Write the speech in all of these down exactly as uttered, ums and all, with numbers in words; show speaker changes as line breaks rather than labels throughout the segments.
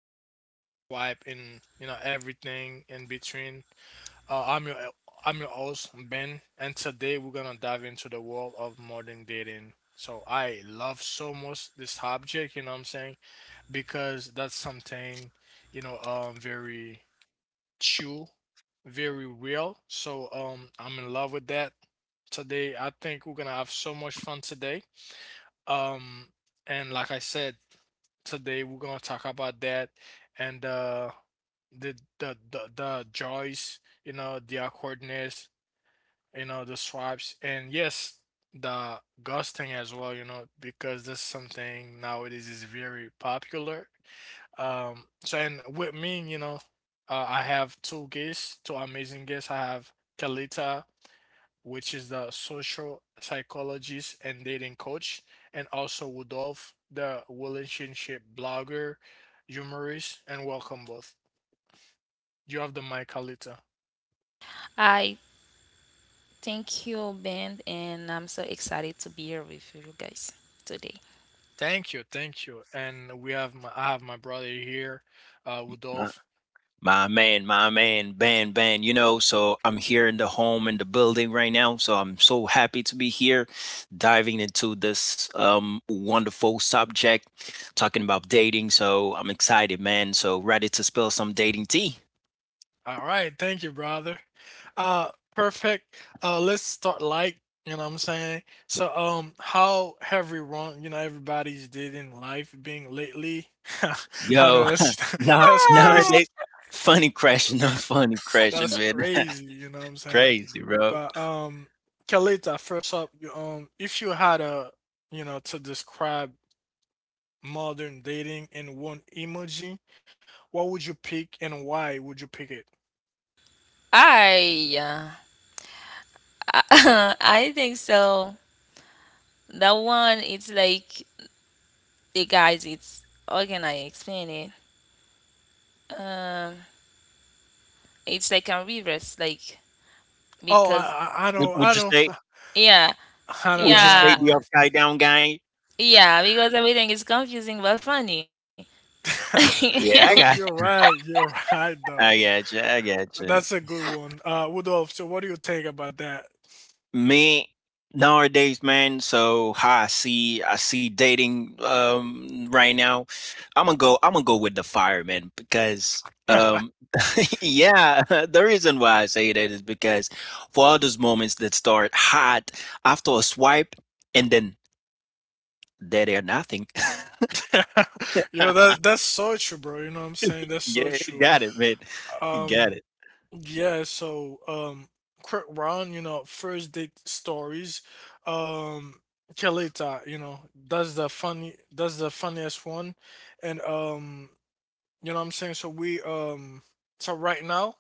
Love Swipe and you know everything in between. Uh, I'm your I'm your host Ben, and today we're gonna dive into the world of modern dating. So I love so much this subject. You know what I'm saying? Because that's something you know um very chew very real. So um I'm in love with that today. I think we're gonna have so much fun today. Um and like I said, today we're gonna talk about that and uh the the the, the joys, you know, the awkwardness, you know, the swipes and yes, the ghosting as well, you know, because that's something nowadays is very popular. Um, so and with me, you know, uh, I have two guests, two amazing guests. I have Kalita, which is the social psychologist and dating coach, and also Rudolph, the relationship blogger, humorist, and welcome both. You have the mic, Kalita.
Hi, thank you, Ben, and I'm so excited to be here with you guys today.
Thank you, thank you. And we have my I have my brother here, uh
My,
Rudolph.
my man, my man, Ban Ban, you know, so I'm here in the home in the building right now. So I'm so happy to be here diving into this um wonderful subject, talking about dating. So I'm excited, man. So ready to spill some dating tea.
All right, thank you, brother. Uh Perfect. Uh, let's start light, you know what I'm saying? So um how have we wrong, you know, everybody's did in life being lately? I
Yo,
know that's
now
that's crazy.
nowadays funny crashing, not funny crashing,
That's
man.
crazy, you know what I'm saying?
Crazy, bro.
But um Kalita, first up, you um if you had a you know to describe modern dating in one emoji, what would you pick and why would you pick it?
I uh, I think so. That one, it's like the guys. It's how can I explain it? Um, it's like a reverse, like
Oh, I
because,
I, I
Would
know, I
would you
know,
say
yeah,
I know
would
that
you
that
say
yeah,
the
one.
upside down guy?
yeah, because everything is confusing but funny.
Yeah, I
You are
got
you're right, you're right though.
I got you. I got you.
That's a good one. Uh, Rudolph, so what do you think about that?
Me nowadays, man. So how I see I see dating um right now. I'm gonna go. I'm gonna go with the fireman because um yeah, the reason why I say that is because for all those moments that start hot after a swipe, and then there they are, nothing.
Yo, that that's so true, bro. You know what I'm saying? That's so
Yeah, you
true.
got it, man. You got
Um,
it.
Yeah, so um Quick Ron, you know, first date stories. Um, Kelita, you know, that's the funny that's the funniest one. And um you know what I'm saying? So we um so right now,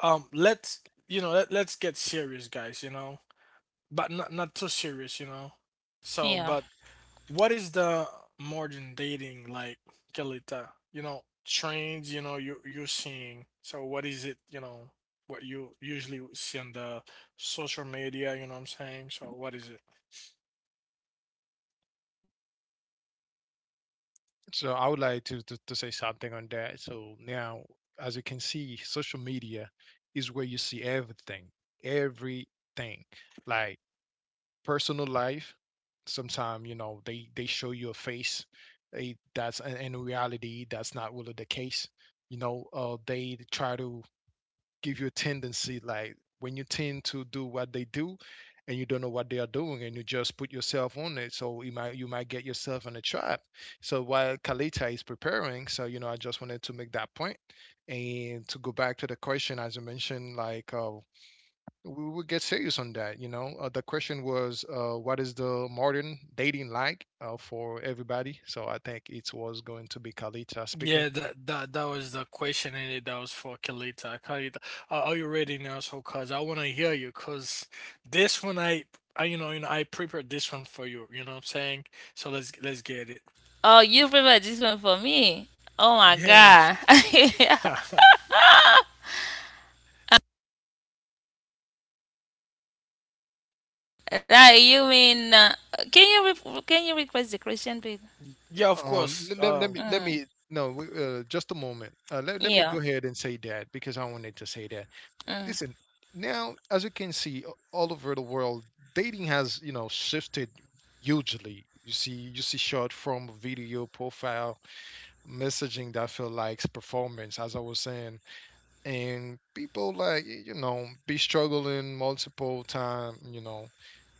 um let's you know, let, let's get serious guys, you know. But not not too serious, you know. So
Yeah.
but what is the modern dating like, Kelita? You know, trends, you know, you you're seeing. So what is it, you know, what you usually see on the social media, you know what I'm saying? So what is it?
So I would like to, to, to say something on that. So now, as you can see, social media is where you see everything, everything, like personal life. Sometimes, you know, they, they show you a face eh, that's in in reality, that's not really the case. You know, uh, they try to give you a tendency like when you tend to do what they do, and you don't know what they are doing and you just put yourself on it, so you might you might get yourself in a trap. So while Kalita is preparing, so you know, I just wanted to make that point point. And to go back to the question as you mentioned, like uh, we will get serious on that, you know. Uh, the question was uh, what is the modern dating like, uh, for everybody? So I think it was going to be Kalita speaking.
Yeah, that that that was the question and it that was for Kalita. Kalita, are, are you ready now? So, cause I wanna hear you, cause this one I, I, you know, you know I prepared this one for you. You know what I'm saying? So let's let's get it.
Oh, you prepared this one for me? Oh my
Yeah,
god. Right, you mean uh, can you re- can you request the question, please?
yeah, of
Um,
course.
let, let, let
Um,
me let me
Mm,
no, we- uh, just a moment. Uh, let let me go
yeah.
ahead and say that, because I wanted to say that.
Mm.
Listen, now as you can see, a- all over the world, dating has, you know, shifted hugely. You see, you see short form video, profile, messaging that feel like performance, as I was saying, and people like y- you know be struggling multiple time. You know,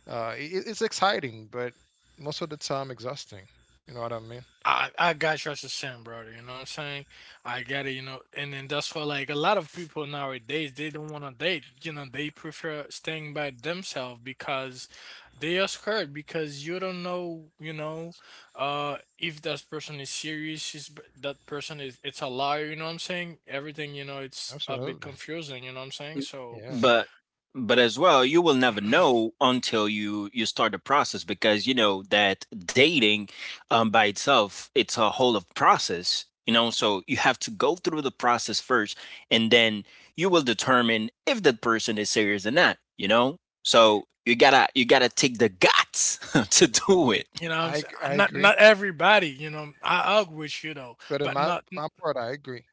uh, it, it's exciting, but most of the time exhausting. You know what I mean?
I I got your sin, brother. You know what I'm saying? I get it. You know, and then that's why like a lot of people nowadays they don't want to date. You know, they prefer staying by themselves because they are scared because you don't know. You know, uh, if that person is serious, is that person is it's a liar. You know what I'm saying? Everything. You know, it's a bit
Absolutely.
confusing. You know what I'm saying?
M
So
Yeah,
But but as well, you will never know until you you start the process, because you know that dating, um, by itself, it's a whole of process, you know? So you have to go through the process first, and then you will determine if the person is serious or not, you know? So you gotta you gotta take the guts to do it.
you know, what I'm
I
saying,
g- I
not
agree.
not everybody. You know, I I agree with you though,
But in
but
my
not.
my part, I agree.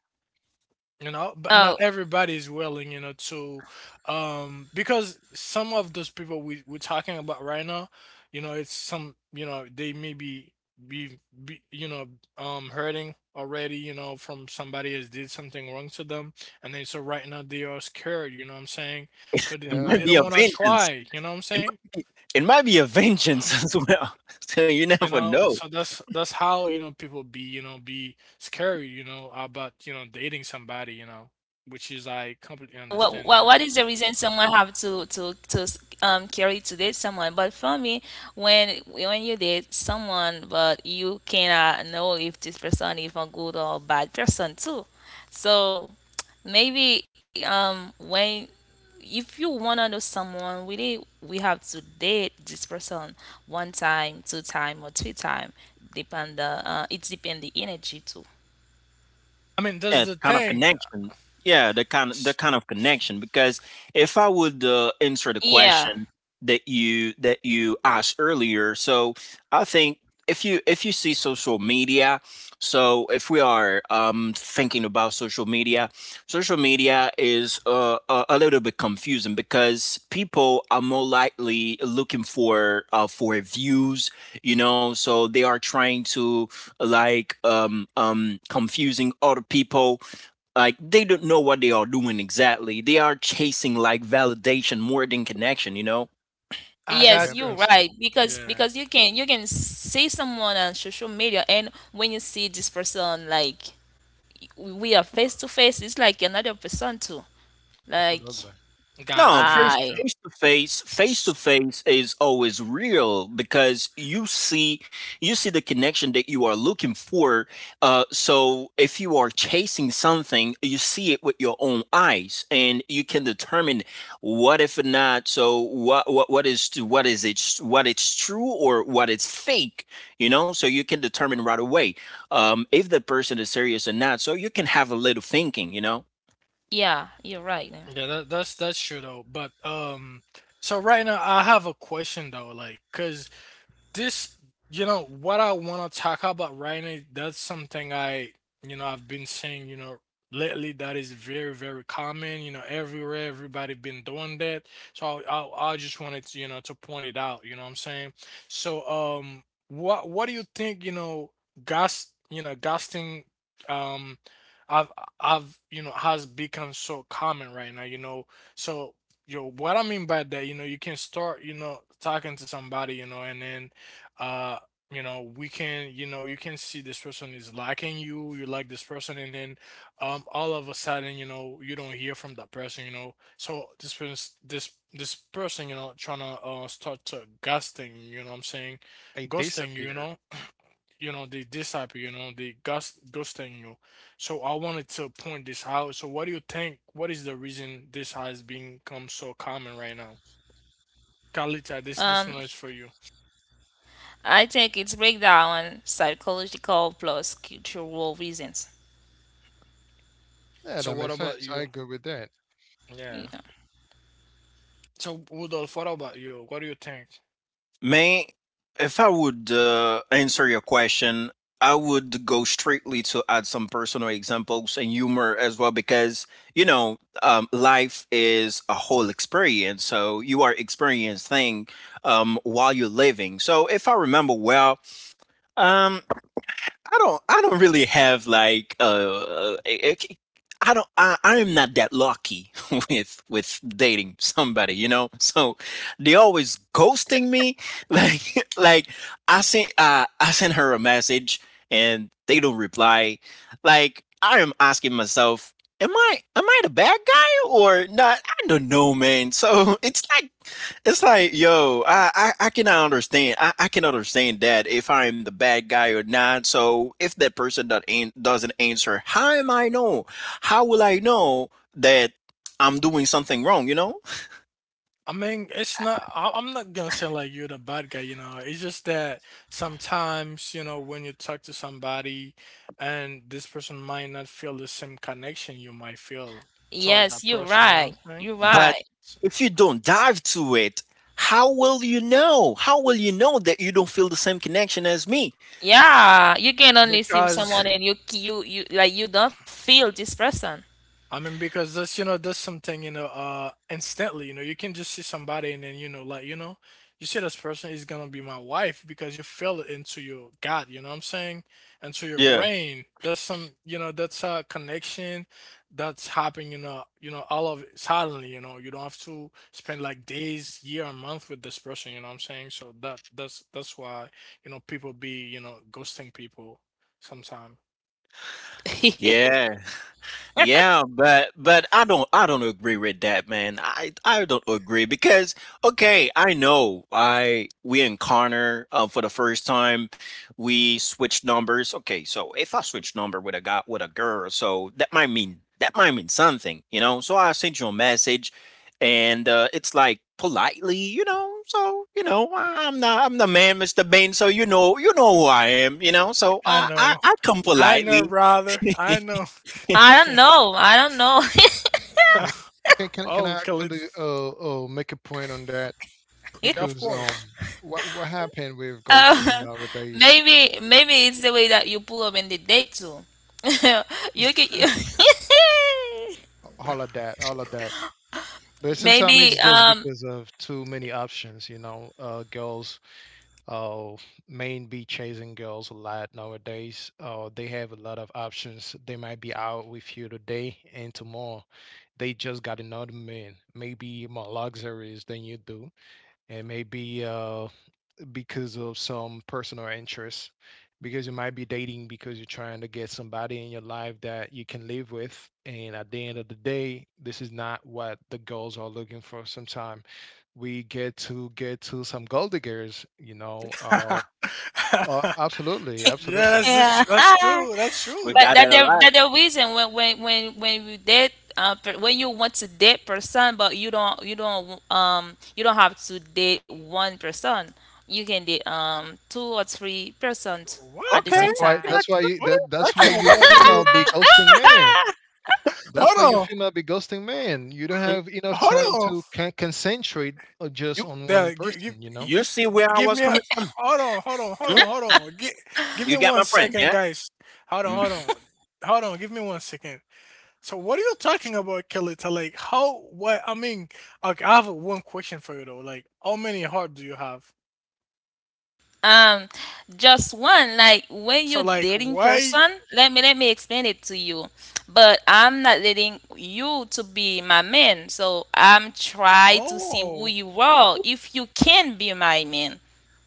You know, but not
Oh,
everybody is willing, you know, to um because some of those people we, we're talking about right now, you know, it's some, you know, they maybe be, be be, you know, um hurting already, you know, from somebody has did something wrong to them, and then so right now they are scared, you know what I'm saying? So they,
It might
they
Yeah,
be
don't
a
want to
vengeance.
try, you know what I'm
It
saying?
might be it might be a vengeance as well. So you
You
never
know,
know.
so that's that's how, you know, people be, you know, be scared, you know, about, you know, dating somebody, you know, which is I completely
what,
understand.
what what is the reason someone have to to to um carry to date someone? But for me, when when you date someone, but you cannot know if this person is a good or bad person too. So maybe um when if you wanna know someone, we did we have to date this person one time, two time, or three time. Depend the uh, It depend the energy too.
I mean, that's
Yeah, the
the
kind of
thing.
connection. Yeah, the kind the
S
kind of connection. Because if I would uh, answer the
Yeah.
question that you that you asked earlier, so I think if you if you see social media, so if we are um, thinking about social media, social media is uh, a, a little bit confusing because people are more likely looking for uh, for views, you know, so they are trying to like um um confusing other people. Like they don't know what they are doing exactly. They are chasing like validation more than connection, you know.
I
yeah,
got
Yes,
it
you're
you.
makes sense.
right. Because
Yeah.
because you can you can see someone on social media, and when you see this person like we are face to face, it's like another person too. Like
Absolutely.
No,
Gotcha,
face
I
gotcha.
face to face, face to
S
face is always real, because you see you see the connection that you are looking for. Uh, so if you are chasing something, you see it with your own eyes, and you can determine what if not. So what what what is to what is it what it's true or what it's fake? You know, so you can determine right away um, if the person is serious or not. So you can have a little thinking, you know.
Yeah, you're right there.
Yeah, that that's that's true though, but, um, so right now I have a question though, like, cause. This, you know, what I want to talk about right now, that's something I, you know, I've been seeing, you know, lately that is very, very common, you know, everywhere, everybody been doing that. So I, I, I just wanted to, you know, to point it out, you know what I'm saying? So, um, what, what do you think, you know, gas, you know, gasting, um, I've, I've, you know, has become so common right now, you know, so, yo, what I mean by that, you know, you can start, you know, talking to somebody, you know, and then uh you know we can you know you can see this person is liking you, you like this person, and then um all of a sudden, you know, you don't hear from that person, you know, so this person, this this person, you know, trying to uh start to ghosting, you know what I'm saying?
They
Ghosting, you
disappear.
know, you know they this type. You know they ghost ghosting you. So I wanted to point this out. So what do you think, what is the reason this has become so common right now? Kalita, this this
Um
one is for you.
I think it's breakdown on psychological plus cultural reasons.
Yeah,
So
that
what
makes
about
sense. I
you,
agree with that.
yeah, so, Rudolph, what about you? What do you think?
May, if I would uh, answer your question, I would go strictly to add some personal examples and humor as well, because, you know, um, life is a whole experience. So you are experiencing um, while you're living. So if I remember well, um, I don't I don't really have like uh uh, eh, eh, I don't I, I am not that lucky with with dating somebody, you know? So they always ghosting me. Like like I sent uh, I sent her a message, and they don't reply. Like I am asking myself, am I am I the bad guy or not? I don't know, man. So it's like it's like, yo, I, I, I cannot understand. I, I can understand that if I'm the bad guy or not. So if that person that ain't, doesn't answer, how am I know? How will I know that I'm doing something wrong? You know.
I mean, it's not, I, I'm not gonna say like you're the bad guy, you know. It's just that sometimes, you know, when you talk to somebody and this person might not feel the same connection you might feel toward
Yes,
that
you're
person, you know what
right.
I'm saying?
You're
But
right.
S-
if you don't dive to it, how will you know? How will you know that you don't feel the same connection as me?
Yeah, you can only see
Because
someone and you you you like you don't feel this person.
I mean, because that's, you know, that's something, you know, uh, instantly, you know, you can just see somebody and then, you know, like, you know, you see this person is gonna be my wife because you feel it into your gut, you know what I'm saying? Into your
Yeah.
brain. That's some, you know, that's a connection that's happening, you know, you know, all of it suddenly, you know, you don't have to spend like days, year, or month with this person, you know what I'm saying? So that that's that's why, you know, people be, you know, ghosting people sometime.
Yeah. Yeah, but but I don't I don't agree with that, man. I I don't agree because okay, I know, I we encounter, uh, for the first time we switch numbers. Okay, so if I switch number with a guy, with a girl, so that might mean that might mean something, you know. So I sent you a message, and uh, it's like politely, you know. So you know, I- I'm not I'm the man, Mister Bain. So you know you know who I am, you know. So I
I
I,
know.
I come
I know,
politely.
brother. I know.
I don't know. I don't know.
I, can can can
Oh,
I
Khalid.
actually uh, uh make a point on that,
Yeah, of
because um,
course.
what what happened with ghosting
Uh,
nowadays?
maybe maybe it's the way that you pull up in the date too. You can. you
All of that, all of that. But sometimes
maybe
it's just
um
because of too many options, you know. Uh, girls uh, men be chasing girls a lot nowadays. Uh, they have a lot of options. They might be out with you today and tomorrow. They just got another man, maybe more luxuries than you do, and maybe uh, because of some personal interests. Because you might be dating because you're trying to get somebody in your life that you can live with. And at the end of the day, this is not what the girls are looking for sometimes. We get to get to some gold diggers, you know, uh.
Yeah,
Oh, absolutely, absolutely.
that's the
Yeah.
tr- that's true. That's
We
true.
But
got
that
that a
the
lot.
that the reason when when when when you date uh, per- when you want to date person, but you don't you don't um you don't have to date one person. You can date um two or three persons
Okay,
at
That's
the
What?
I
same
why.
got
That's
time.
why. You,
What are
that,
you
that's why
talking
you
about,
female
Khalid?
be ghosting man. That's why you
Hold on.
female be ghosting man. You don't
you. Mm,
have enough
Hold on.
time to can- concentrate, uh, just
You
on
There,
one
give, give,
person. You know.
you see
G-
where
give
I
me
was
a.
coming from?
Hold on. Hold on. Hold
Mm,
on. Hold on. Give, give
You
me
get my
one
point,
second,
yeah?
guys. Hold on. Hold
Mhm.
on. Hold on. Give me one second. So, what are you talking about, Khalid? Like, how? What? I mean, okay, I have one question for you though. Like, how many heart do you have?
um just one, like when
So,
you're
like,
dating
why?
person, let me let me explain it to you. But I'm not letting you to be my man, so I'm trying to see who
Oh,
you are, if you can be my man.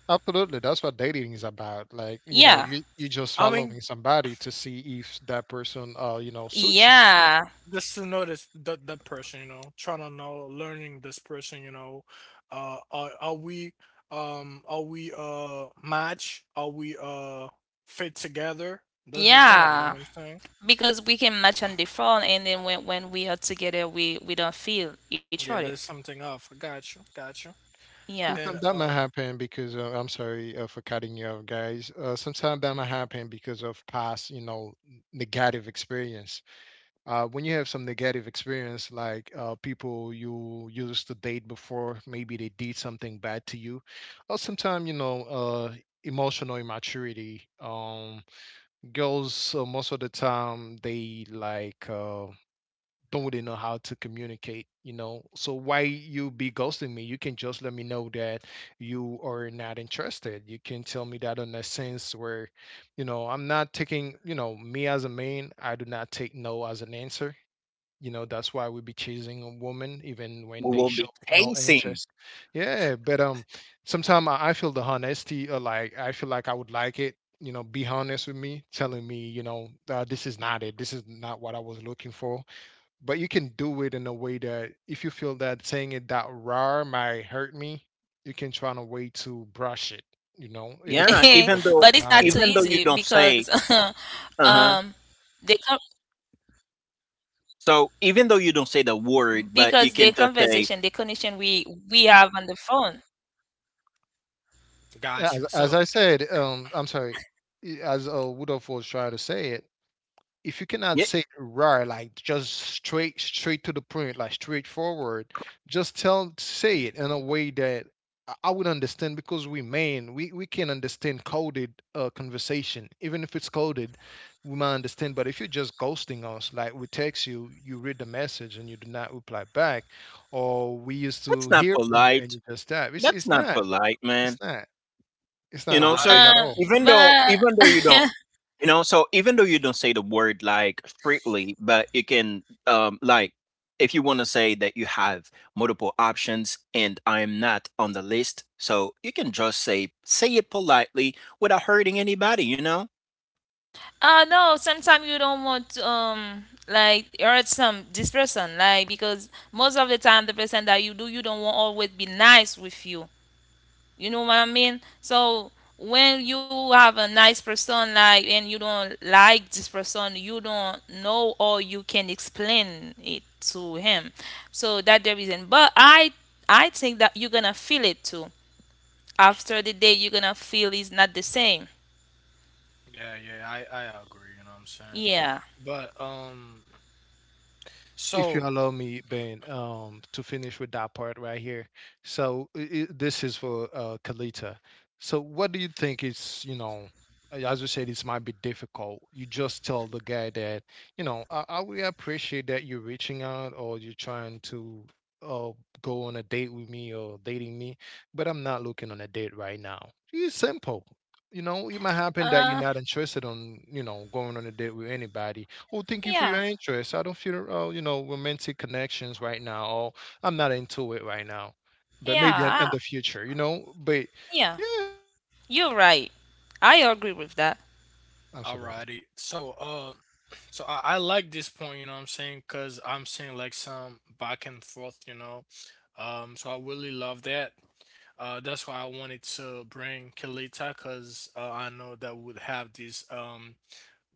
Absolutely. That's what dating is about. Like, you know,
Yeah,
you you just
I mean,
following somebody to see if that person, uh, you know, suits you.
yeah,
just to know this that that person, you know, trying to know, learning this person, you know, uh, are are we, um, are we uh match? Are we uh fit together? That's the thing, you
yeah.
know what I'm saying?
Because we can match on the phone, and then when when we are together, we we don't feel each other.
Yeah, there's something off. Got you, got you,
Yeah,
and
Sometimes that might
um,
happen because uh, I'm sorry uh, for cutting you off, guys. Uh, sometimes that might happen because of past, you know, negative experience. Uh, when you have some negative experience, like uh, people you used to date before, maybe they did something bad to you, or sometimes you know, uh, emotional immaturity. Um, girls, uh, most of the time they like, uh, don't really know how to communicate. You know, so why you be ghosting me? You can just let me know that you are not interested. You can tell me that in a sense where, you know, I'm not taking. You know, me as a man, I do not take no as an answer. You know, that's why we be chasing a woman even when
We
they
will
show
be
no
chasing,
interest. Yeah, but um, sometimes I, I feel the honesty, or like, I feel like I would like it, you know, be honest with me, telling me, you know, uh, this is not it, this is not what I was looking for. But you can do it in a way that if you feel that saying it that raw might hurt me, you can try in a way to brush it. You know, it
yeah.
depends on your
Even though
but it's not
personality.
too
even though you
easy
don't say,
because
uh huh.
um the con-
So even though you don't say the word, but you
because the
can just say,
conversation, the connection we we have on the phone.
as,
gotcha.
as
So
I said, um, I'm sorry, i- as uh, Woodolph was trying to say it, if you cannot
yeah,
say raw, like just straight, straight to the point, like straightforward, just tell, say it in a way that I I would understand, because we man, we, we can understand coded uh, conversation. Even if it's coded, we might understand. But if you're just ghosting us, like we text you, you read the message and you do not reply back, or we used
that's
to
not
hear from you and
polite.
you just tap, it's,
That's
it's
not
not,
polite, man.
it's not, it's
You
not
know. So
I,
rise at
Um,
all.
even though
but
even though you don't. You know, so even though you don't say the word like strictly, but you can um like, if you want to say that you have multiple options and I am not on the list, so you can just say say it politely without hurting anybody, you know?
uh no, sometimes you don't want to um like hurt some this person, like because most of the time the person that you do you don't want always be nice with you. You know what I mean? So when you have a nice person, like, and you don't like this person, you don't know or you can explain it to him. So that the reason. But I I think that you're gonna feel it too. After the day, you're gonna feel it's not the same.
yeah, yeah, I I agree, you know what I'm saying?
Yeah.
But um,
If you
so
allow me, Ben, um, to finish with that part right here. So i i this is for uh, Kalita. So what do you think is, you know, uh, as you said, it might be difficult. You just tell the guy that, you know, I, I really appreciate that you're reaching out, or you're trying to uh, go on a date with me, or dating me, but I'm not looking on a date right now. It's simple. You know, it might happen that you're
Uh
not interested on, you know, going on a date with anybody. Well, thank you for
yeah.
your interest. I don't feel, uh, you know, romantic connections right now. Or I'm not into it right now, but maybe in, in
Yeah. I,
the future, you know. But
yeah.
yeah,
You're right. I agree with that.
absolutely.
alrighty. So, uh, so I, I like this point, you know what I'm saying? Because I'm seeing like some back and forth, you know. Um, so I really love that. Uh, that's why I wanted to bring Kalita because uh, I know that would have this um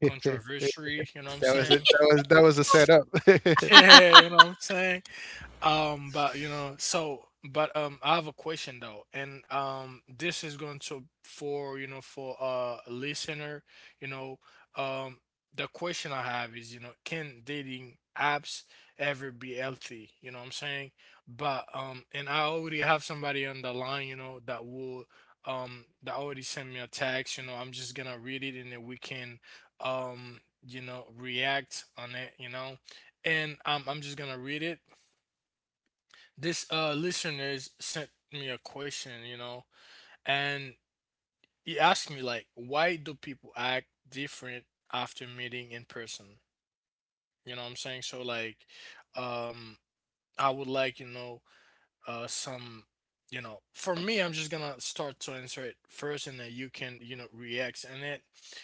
that
controversy, you know what I'm
was it.
saying?
That was that was a setup.
Yeah, you know what I'm saying? Um, but you know, so but um, I have a question though, and um, this is going to for you know for a listener, you know, um, the question I have is, you know, can dating apps ever be healthy? You know what I'm saying? But um, and I already have somebody on the line, you know, that will um that already sent me a text. You know, I'm just gonna read it and then we can um you know react on it. You know, and um, I'm just gonna read it. This uh listeners sent me a question, you know, and he asked me like, why do people act different after meeting in person? You know what I'm saying? So like, um, I would like, you know, uh, some, you know, for me, I'm just gonna start to answer it first, and then you can, you know, react in it.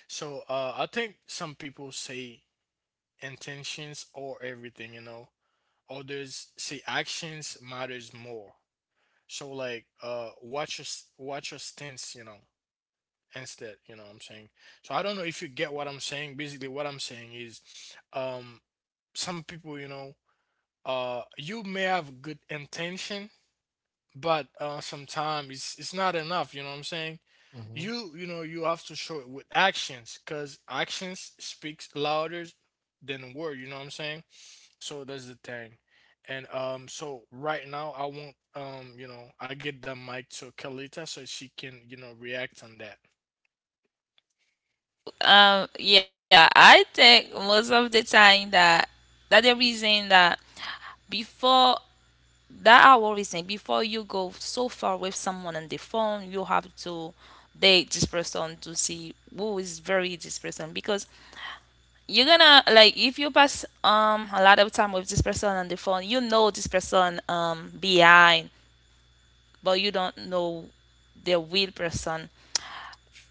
So uh, I think some people say intentions or everything, you know. Others say actions matters more. So like uh watch your s- watch your stints, you know, instead, you know what I'm saying? So I don't know if you get what I'm saying. Basically what I'm saying is um some people, you know, uh you may have good intention, but uh sometimes it's it's not enough, you know what I'm saying?
Hmm.
You you know you have to show it with actions because actions speaks louder than word. You know what I'm saying? So that's the thing. And um, so right now I want um, you know, I get the mic to Kalita so she can you know react on that
Um, yeah, I think most of the time that that the reason that before that I always think before you go so far with someone on the phone, you have to date this person to see who is very this person, because you're gonna like if you pass um a lot of time with this person on the phone, you know this person um behind, but you don't know the real person.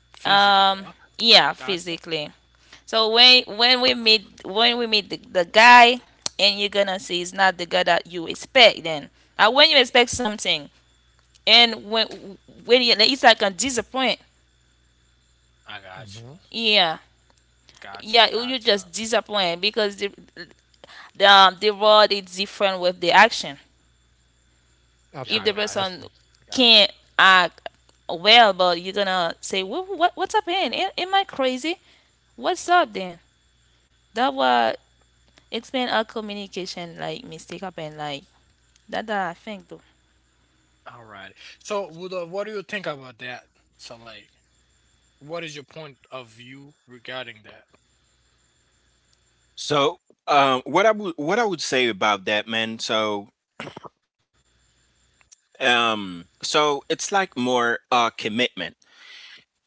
physically. Uh,
Um yeah,
Gotcha.
physically. So when when we meet when we meet the, the guy, and you're gonna see it's not the guy that you expect then. And when you expect something, and when when you, it's like a disappoint.
I got you.
Hmm.
Yeah,
Gotcha.
yeah, you
Gotcha.
you just disappoint because the the, um, the world is different with the action.
Yeah,
If
I
the
Absolutely.
got
I
you.
person
see.
Gotcha.
can't act well, but you're gonna say what, what what's up in am, am I crazy, what's up then, that what explain our communication, like mistake happen, like that that I think though.
All right. So, Wudo, what do you think about that? So, like, what is your point of view regarding that?
So um what I would what I would say about that, man, so um so it's like more uh commitment,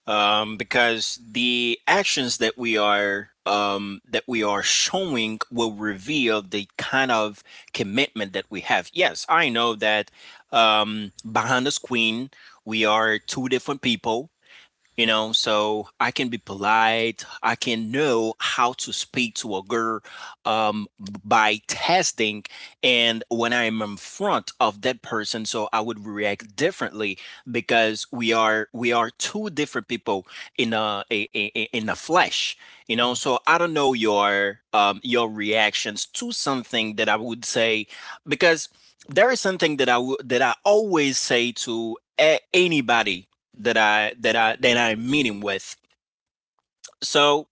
um, because the actions that we are um, that we are showing will reveal the kind of commitment that we have. Yes, I know that, um, behind the screen we are two different people, you know. So I can be polite, I can know how to speak to a girl um, by testing, and when I'm in front of that person, so I would react differently, because we are we are two different people in a, a, a- in the flesh, you know.
Mm.
So I don't know your, um, your reactions to something that I would say, because there is something that i would that i always say to a- anybody that I that I that I'm meeting with. So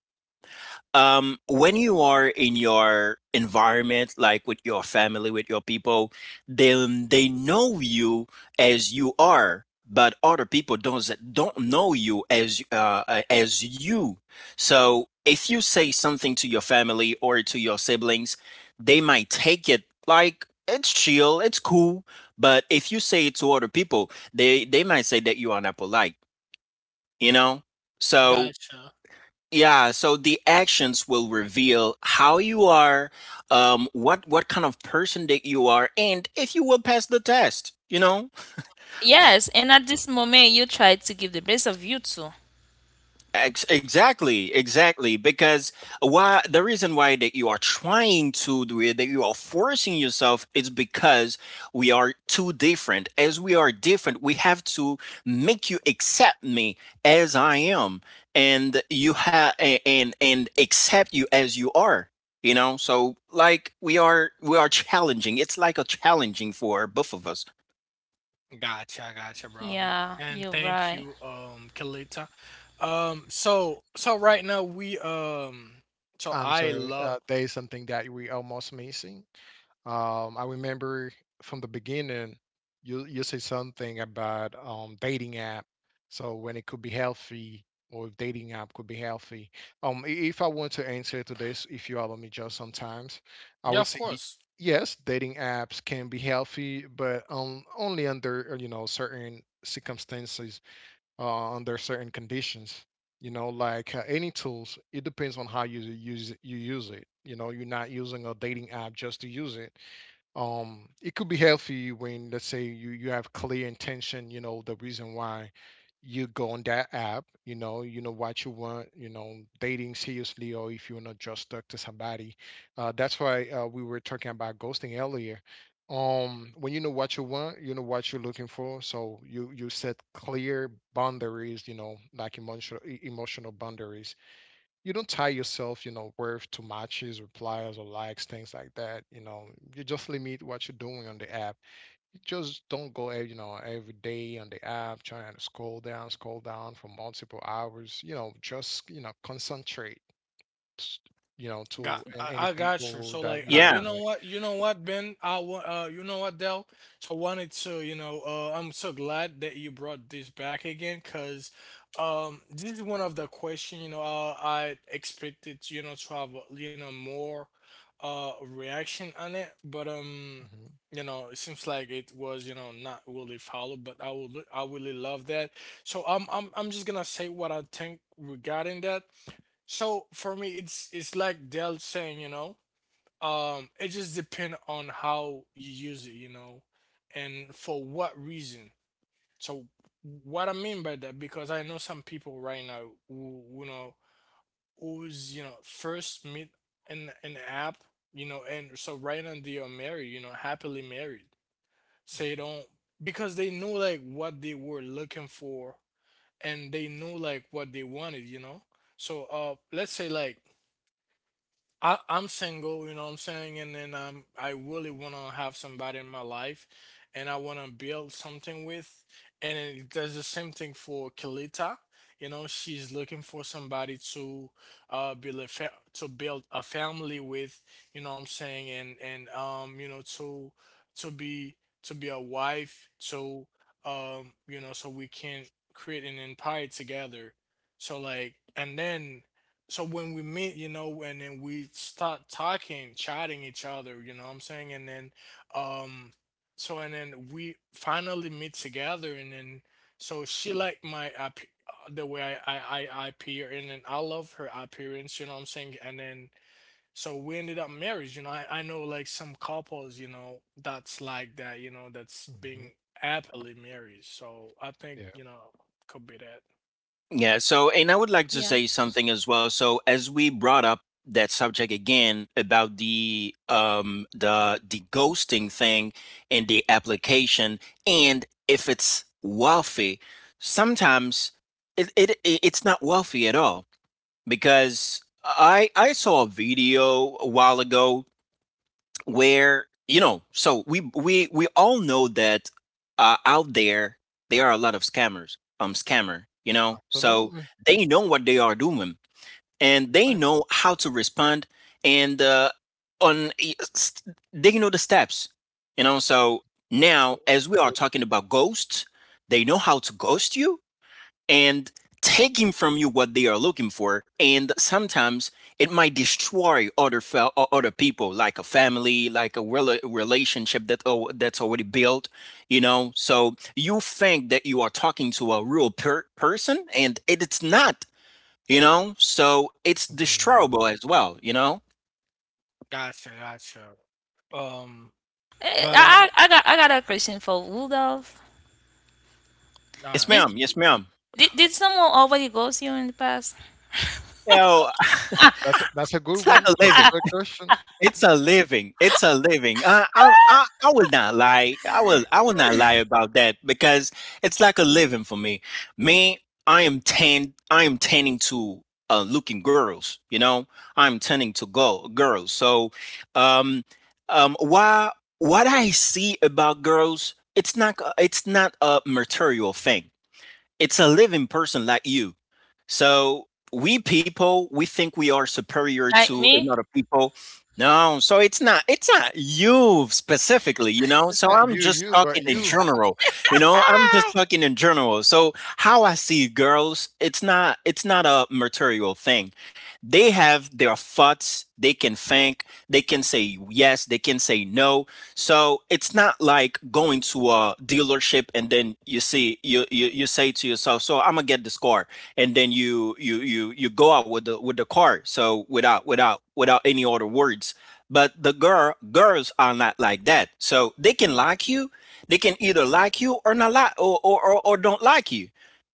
um, when you are in your environment, like with your family, with your people, then they know you as you are, but other people don't don't know you as uh, uh, as you. So if you say something to your family or to your siblings, they might take it like it's chill, it's cool. But if you say it to other people, they they might say that you are not polite, you know? So,
Gotcha.
yeah, so the actions will reveal how you are, um, what what kind of person that you are, and if you will pass the test, you know?
Yes, and at this moment you try to give the best of you too.
Ex- exactly, exactly. Because why the reason why that you are trying to do it, that you are forcing yourself, is because we are too different. As we are different, we have to make you accept me as I am, and you have and and accept you as you are. You know, so like we are we are challenging. It's like a challenging for both of us.
Gotcha, gotcha, brother.
Yeah,
And
you're
thank
right.
you, um, Kalita. Um, so so right now we um so
I'm
I
sorry.
love
Uh, there is something that we almost missing. Um, I remember from the beginning, you you say something about um, dating app, so when it could be healthy, or if dating app could be healthy. Um, i- if I want to answer to this, if you allow me just sometimes, I
yeah,
would
of
say y-
course.
yes, dating apps can be healthy, but um, only under uh, you know certain circumstances, uh, under certain conditions. You know, like uh, any tools, it depends on how you use you use it. You know, you're not using a dating app just to use it. Um it could be healthy when, let's say, you you have clear intention, you know the reason why you go on that app, you know, you know what you want, you know, dating seriously, or if you're not just stuck to somebody. Uh that's why uh, we were talking about ghosting earlier. Um when you know what you want, you know what you're looking for, so you you set clear boundaries, you know, like emotional e- emotional boundaries. You don't tie yourself, you know, worth to matches, replies, or likes, things like that. You know, you just limit what you're doing on the app. You just don't go, ev- you know, every day on the app trying to scroll down, scroll down for multiple hours. You know, just you know, concentrate. s- You know,
Got,
to and any
I, I got you.
people
So
that
like,
you
uh,
would
you
Yeah.
know
like.
what, you know what, Ben, I want, uh, you know what, Dell. So I wanted to, you know, uh, I'm so glad that you brought this back again, cause, um, this is one of the question, you know, uh, I expected, you know, to have, you know, more, uh, reaction on it, but um,
Mhm,
you know, it seems like it was, you know, not really followed. But I would, I really love that. So I'm, I'm, I'm just gonna say what I think regarding that. So for me, it's it's like Dell saying, you know, um, it just depends on how you use it, you know, and for what reason. So what I mean by that, because I know some people right now who you know who's you know first meet an an app, you know, and so right now they are married, you know, happily married. So they don't, because they know like what they were looking for and they know like what they wanted, you know. So uh, let's say like I, I'm single, you know what I'm saying? And then um, I really want to have somebody in my life and I want to build something with. And it does the same thing for Kelita. You know, she's looking for somebody to uh, build a fa- to build a family with, you know what I'm saying? And and um, you know, to to be to be a wife, to um, you know, so we can create an empire together. So like, and then so when we meet, you know, and then we start talking, chatting each other, you know what I'm saying? And then um so and then we finally meet together and then so she liked my app, uh, the way I, I, I, I appear and then I love her appearance, you know what I'm saying? And then so we ended up married, you know. I, I know like some couples, you know, that's like that, you know, that's
mhm.
being happily married. So I think,
Yeah,
you know, could be that.
Yeah. So, and I would like to say something as well. So, as we brought up that subject again about the um the the ghosting thing and the application, and if it's wealthy, sometimes it, it it- it's not wealthy at all, because I I saw a video a while ago where, you know, so we we we all know that, uh, out there there are a lot of scammers um scammer, you know. So
absolutely.
they know what they are doing, and they
Thank
know how to respond, and uh on st- they know the steps, you know. So
you.
now as we
Re-
are talking about ghosts, they know how to ghost you, and taking from you what they are looking for, and sometimes it might destroy other fel- o- other people, like a family, like a rela- relationship that oh, that's already built, you know. So you think that you are talking to a real per- person, and it, it's not, you know. So it's
absolutely.
destroyable as well, you know.
Gotcha, gotcha. Um,
Eh,
but
I,
um,
I, I got I got a question for Rudolph.
Yes,
Alright.
Did,
ma'am, yes, ma'am.
did did someone already ghost you in the past,
So
That's a, that's a good
it's like
one.
a
That's a
living.
good question.
It's a living. It's a living. Uh, I, I I will not lie. I will I will not lie about that, because it's like a living for me. Me, I am ten. I am tending to uh, looking girls. You know, I'm tending to go girls. So, um, um, why what I see about girls, it's not uh, it's not a material thing. It's a living person like you. So we people, we think we are superior
like
to
me?
another people. No, so it's not it's not you specifically, you know.
It's
So
not
I'm
you,
just
you, but
talking in
you,
general, you know. I'm just
Hi.
talking in general. So how I see girls, it's not it's not a material thing. They have their thoughts. They can think. They can say yes. They can say no. So it's not like going to a dealership, and then you see you you, you say to yourself, "So I'm gonna get this car," and then you you you you go out with the with the car. So without without without any other words. But the girl girls are not like that. So they can like you. They can either like you or not like, or or, or, or don't like you.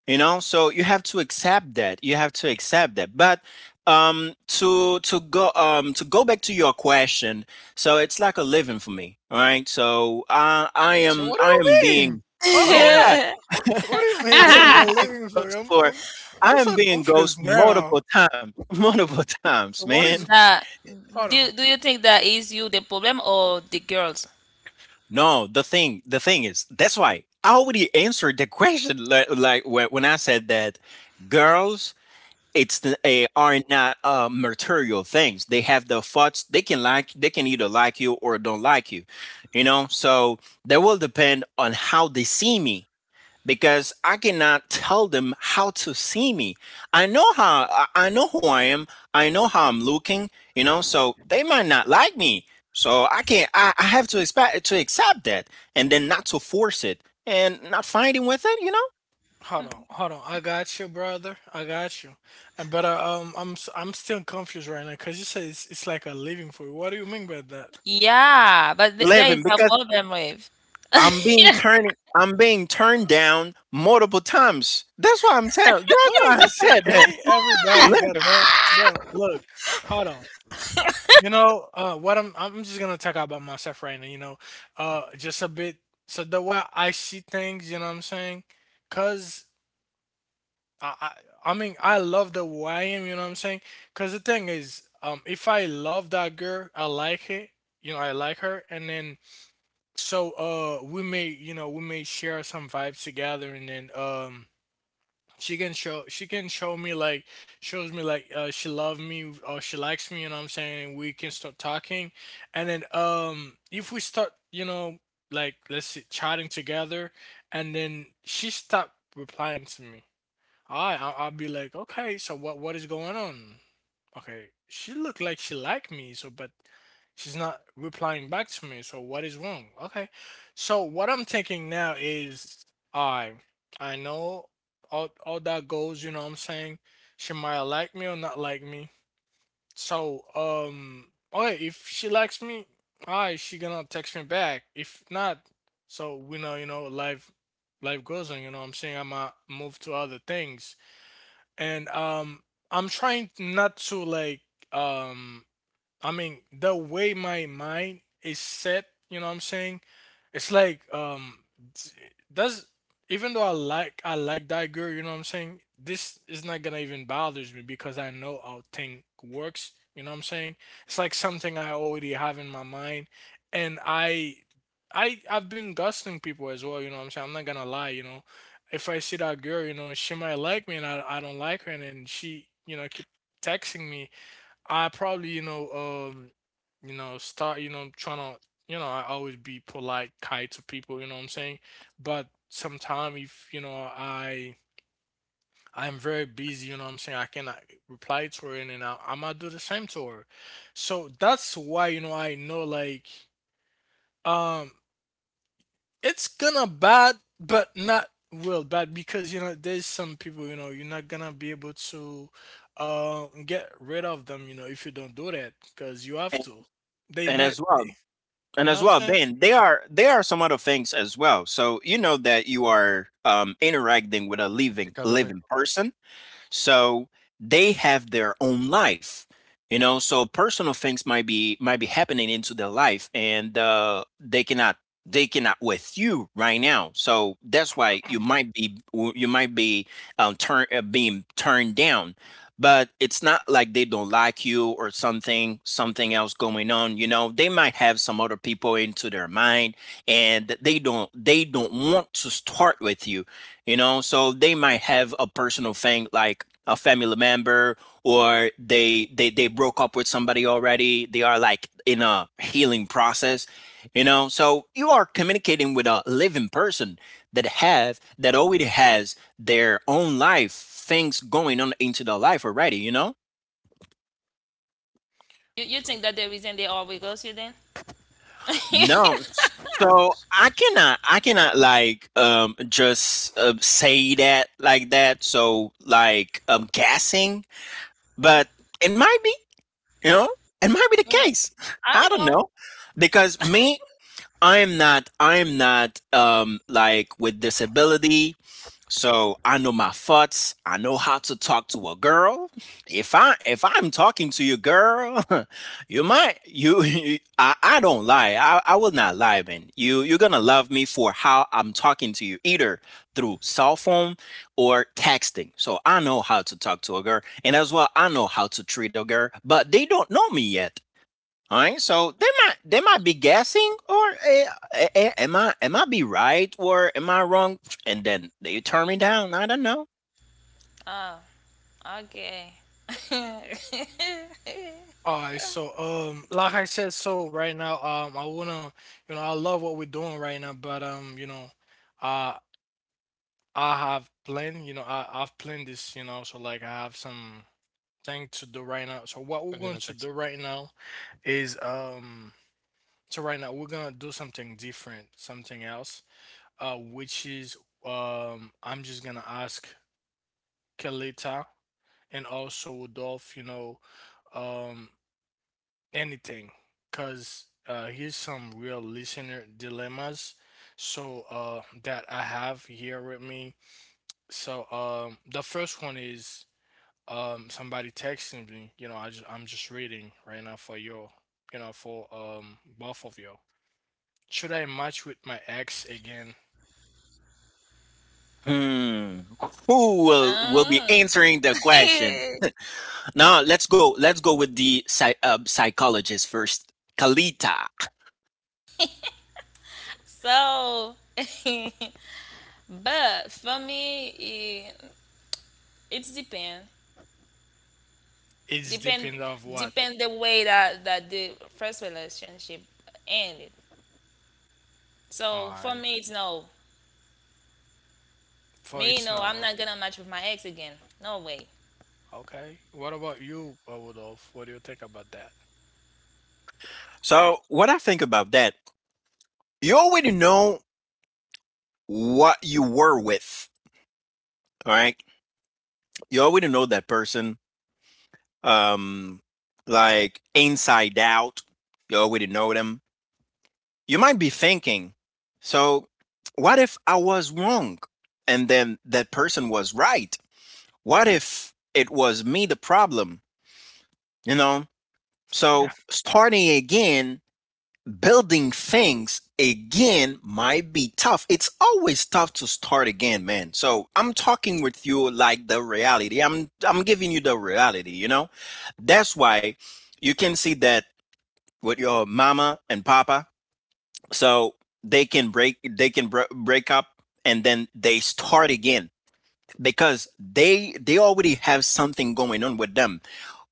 You know, so you have to accept that. You have to accept that. But um, to to go um, to go back to your question, so it's like a living for me, all right? So I I
So
am
what do
I
you
am
mean?
being
Hold
Yeah,
on.
I
What do you mean? It's
am
like I
being
living for you.
ghost
I'm
for
I'm I'm
I am
so
being
confused
ghost
now.
multiple times, multiple times,
So what
man.
is
Nah,
hold on.
do do you think that is you the problem or the girls?
No, the thing the thing is that's why I already answered the question, like, like when when I said that girls it's the, eh, are not uh, material things. They have their thoughts. They can like they can either like you or don't like you, you know. So that will depend on how they see me, because I cannot tell them how to see me. I know how I- know who I am. I know how I'm looking, you know, so they might not like me. So I can't I, I have to expect to accept that, and then not to force it and not fighting with it, you know?
Hold on, hold on. I got you, brother. I got you. And but uh, um, I'm s- I'm still confused right now because you said it's, it's like a living for you. What do you mean by that?
Yeah, but th- there
Living
is a
because
problem with
I'm being turned I'm being turned down multiple times. That's why I'm telling that's
I mean
why
that's
I said that.
okay. Everybody got
Living
that, bro. Look, hold on. You know, uh, what I'm I'm just gonna talk about myself right now. You know, uh, just a bit. So the way I see things, you know what I'm saying? Cause I, I I mean I love the way I am. You know what I'm saying? Cause the thing is, um, if I love that girl, I like it. You know, I like her, and then so uh, we may you know we may share some vibes together, and then um she can show she can show me like shows me like uh she loves me or she likes me, you know what I'm saying? We can start talking, and then um if we start, you know, like let's see chatting together, and then she stop replying to me. I I- i'll be like okay, so what what is going on. Okay, she looked like she liked me, so but she's not replying back to me. So what is wrong? Okay, so what I'm thinking now is I I know all all that goes. You know what I'm saying? She might like me or not like me. So um, okay, if she likes me, I she gonna text me back. If not, so we know, you know, life life goes on. You know what I'm saying? I'ma move to other things and um I'm trying not to like um I mean, the way my mind is set, you know what I'm saying? It's like um t- does, even though I like I like that girl, you know what I'm saying? This is not gonna even bothers me because I know how thing works, you know what I'm saying? It's like something I already have in my mind and I I I've been ghosting people as well, you know what I'm saying? I'm not gonna lie, you know. If I see that girl, you know, she might like me and I, I don't like her and then she, you know, keep texting me. I probably, you know, um, you know, start, you know, trying to, you know, I always be polite, kind to people, you know what I'm saying? But sometime if, you know, I I'm very busy, you know what I'm saying? I cannot reply to her and then I, I might do the same to her. So that's why, you know, I know like um it's gonna bad, but not well bad because you know there's some people you know you're not gonna be able to uh, get rid of them, you know, if you don't do that because you have
and,
to. They
and
net,
as well
they,
And
you know
as
what I'm
well,
saying?
Ben, there are there are some other things as well. So you know that you are um, interacting with a living
academic
living person. So they have their own life, you know. So personal things might be might be happening into their life, and uh, they cannot they cannot with you right now. So that's why you might be you might be um, turn uh, being turned down. But it's not like they don't like you or something something else going on. You know, they might have some other people into their mind, and they don't they don't want to start with you. You know so they might have a personal thing like a family member, or they they they broke up with somebody already. They are like in a healing process, you know so you are communicating with a living person that have that already has their own life, things going on into their life already you know
you. You think that the reason they always ghost you then?
No, so i cannot I cannot like um just uh, say that like that, so like I'm guessing. But it might be. You know, it might be the
Mm,
case. I
I
don't
don't
know,
know.
because me, I am not. I am not um like with disability. So I know my thoughts. I know how to talk to a girl. If I if I'm talking to you, girl, you might you, you I, I don't lie. I, I will not lie, man. You you're gonna love me for how I'm talking to you, either through cell phone or texting. So I know how to talk to a girl, and as well I know how to treat a girl, but they don't know me yet. All right, so they might they might be guessing, or eh, eh, eh, am I am I be right, or am I wrong? And then they turn me down. I don't know.
Oh, okay.
All right, so um, like I said, so right now, um, I wanna, you know, I love what we're doing right now, but um, you know, uh, I have planned, you know, I I've planned this, you know, so like I have some thing to do right now. So what we're
opinion
going
and
to do
text.
right now is um. So right now we're gonna do something different, something else, uh, which is um, I'm just gonna ask Kelita and also Rudolph, you know, um, anything, cause uh, here's some real listener dilemmas. So uh, that I have here with me. So um, the first one is um, somebody texting me. You know, I just, I'm just reading right now for you, you know, for um, both of you. Should I match with my ex again?
Hmm. Who will will be
Mm.
answering the question? Now let's go. Let's go with the psy- uh, psychologist first, Kalita.
So. But for me, it, it's depend
It's depend of
depend
what?
depend the way that that the first relationship ended.
Alright.
So for me, it's no.
For it's
Me,
now.
no, I'm not gonna match with my ex again. No way.
Okay. What about you, uh, Rudolph? What do you think about that?
So what I think about that? You already know what you were with. All right. You already know that person, um, like Inside Out, you already know them. You might be thinking, so what if I was wrong and then that person was right? What if it was me the problem, you know? So
Yeah.
starting again, building things again might be tough. It's always tough to start again, man. So I'm talking with you like the reality. I'm I'm giving you the reality, you know? That's why you can see that with your mama and papa, so they can break they can br- break up and then they start again, because they they already have something going on with them.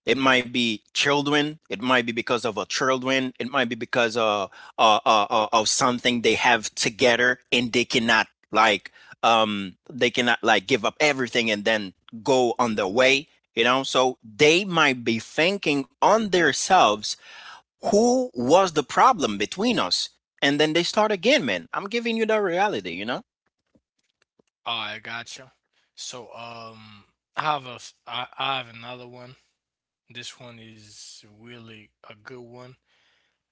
It might be children, it might be because of a children, it might be because of uh, uh, uh, of something they have together, and they cannot like um they cannot like give up everything and then go on their way. You know so they might be thinking on themselves, who was the problem between us? And then they start again, man. I'm giving you the reality, you know?
I gotcha. So, um, I have a, s- I, I have another one. This one is really a good one.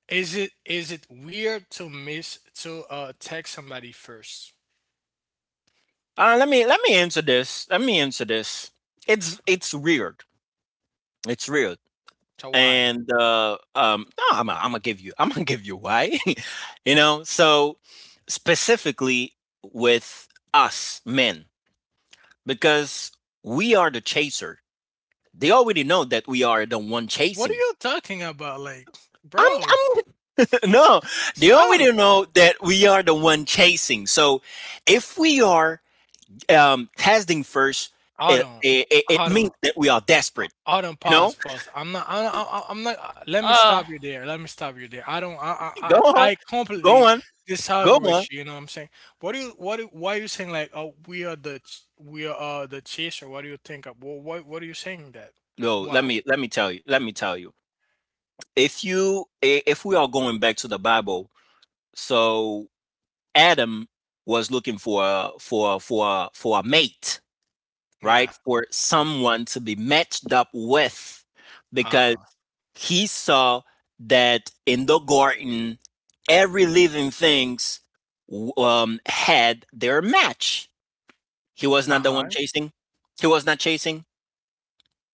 Is it is it weird to miss to uh text somebody first?
Uh, let me let me answer this. Let me answer this. It's it's weird. It's weird.
So why?
And uh um no, I'm i I'm gonna give you I'm gonna give you why. you know, so specifically, with us men, because we are the chaser. They already know that we are the one
What are
chasing.
you talking about? Like,
I'm
bro,
I'm No, they
stop.
already know that we are the one chasing. So if we are um, testing first,
Hold
it,
on.
it, it it
Hold
means
on.
that we are
Ho
desperate.
Autumn,
You know,
pause, pause. I'm not I I I'm not uh, let me stop you
Oh,
there, let me stop you there. I don't I
Go
I
on,
I I
go
completely
on, go
disagree
on.
with you, you know what I'm saying? What do you what do why are you saying like, "Oh, we are the ch we are, uh, the chaser"? What do you think of? Well, what what are you saying that?
No, let
Wow.
me let me tell you. Let me tell you. If you I- If we are going back to the Bible, so Adam was looking for a, for a- for a- for a mate,
Yeah.
right? For
Mm.
someone to be matched up with,
Uh-huh.
he saw that in the garden, every living things um, had their match. He was not the one
Uh-huh.
chasing. He was not chasing.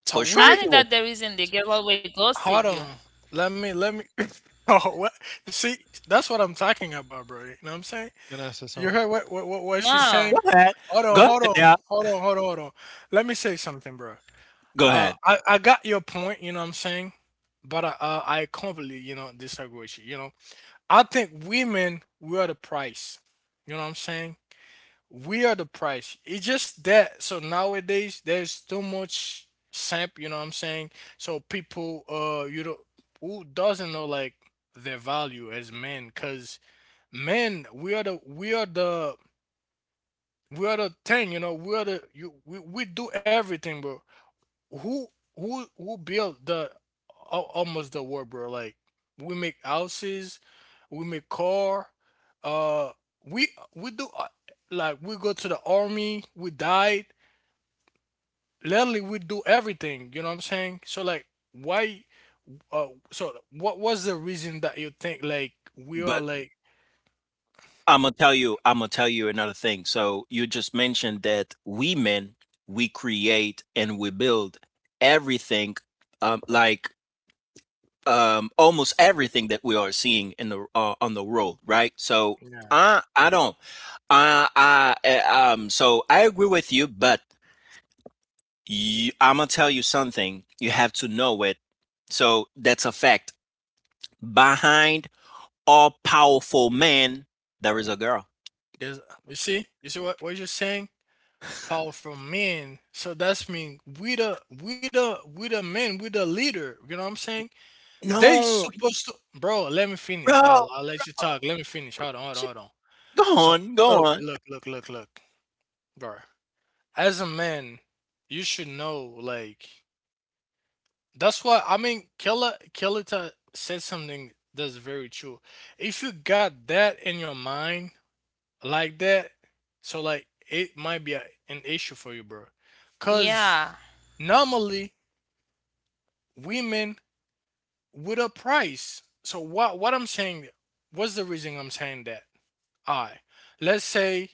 So
For sure,
I
he
we
think
was.
that the reason the girl always ghosted
hold
you.
on. Let me let me Oh, what? See, that's what I'm talking about, bro. You know what I'm saying?
Can I say
You
something?
heard what what what, what she's
No.
Go
saying?
ahead.
Hold
Go
on,
ahead.
hold on,
Now.
hold on, hold on, hold on. Let me say something, bro.
Go
Uh,
ahead.
I I got your point. You know what I'm saying, but I uh, I completely, you know, disagree with you. You know, I think women, we are the price. You know what I'm saying? We are the price. It's just that. So nowadays there's too much samp. You know what I'm saying? So people uh you know who doesn't know like their value as men, cause men we are the we are the we are the thing, you know. We are the you. We, we do everything, bro. Who who who built the al- almost the world, bro? Like we make houses, we make car. Uh, we we do uh, like we go to the army. We died. Literally, we do everything. You know what I'm saying? So like, why? Uh, so what was the reason that you think like we are
But
like?
I'm gonna tell you. I'm gonna tell you another thing. So you just mentioned that we men we create and we build everything. Um, like um, almost everything that we are seeing in the uh, on the road, right? So
Yeah.
I I don't I I uh, um so I agree with you, but you, I'm gonna tell you something. You have to know it. So that's a fact. Behind all powerful man, there is a girl.
There's, you see, you see what what you're saying? Powerful men. So that's mean we the we the we the men, we the leader. You know what I'm saying? They
No,
supposed to, bro. Let me finish. I'll
bro.
I'll let you talk. Let me finish. Hold on, hold on,
She,
hold on.
Go
So
on, go
look,
on.
look, look, look, look, bro. As a man, you should know. Like that's why I mean, Killa Killita said something that's very true. If you got that in your mind like that, so like it might be a, an issue for you, bro. Cause
Yeah.
normally women with a price. So what what I'm saying, what's the reason I'm saying that? Alright. Let's say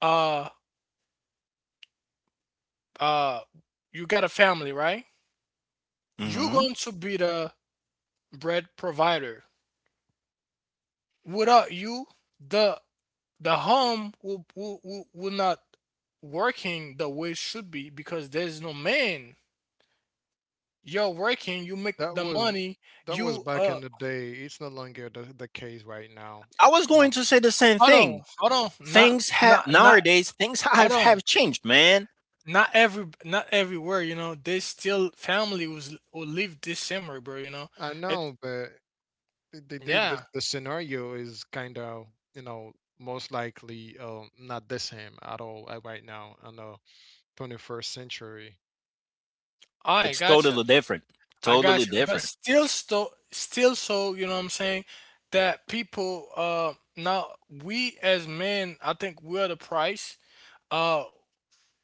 uh uh you got a family, right? You're
Hmm.
going to be the bread provider. Without you, the the home will will, will, will not working the way it should be because there's no man. You're working, you make
That
the
was,
money,
that was
you
back
uh
in the day. It's no longer the, the case right now.
I was going
Uh,
to say the same
hold on,
thing.
hold on, not
Things have
not not
nowadays. Things
hold
have
on.
have changed, man.
Not every not everywhere, you know, there's still family who's who live this similar, bro, you know
I
it.
know, but the the, the
Yeah,
the scenario is kind of, you know, most likely uh, not the same at all uh, right now in the twenty-first century.
I
It's totally
gotcha.
different.
I
Totally
gotcha, but
different.
still, so still, so you know what I'm saying that people uh now we as men, I think we're the price. uh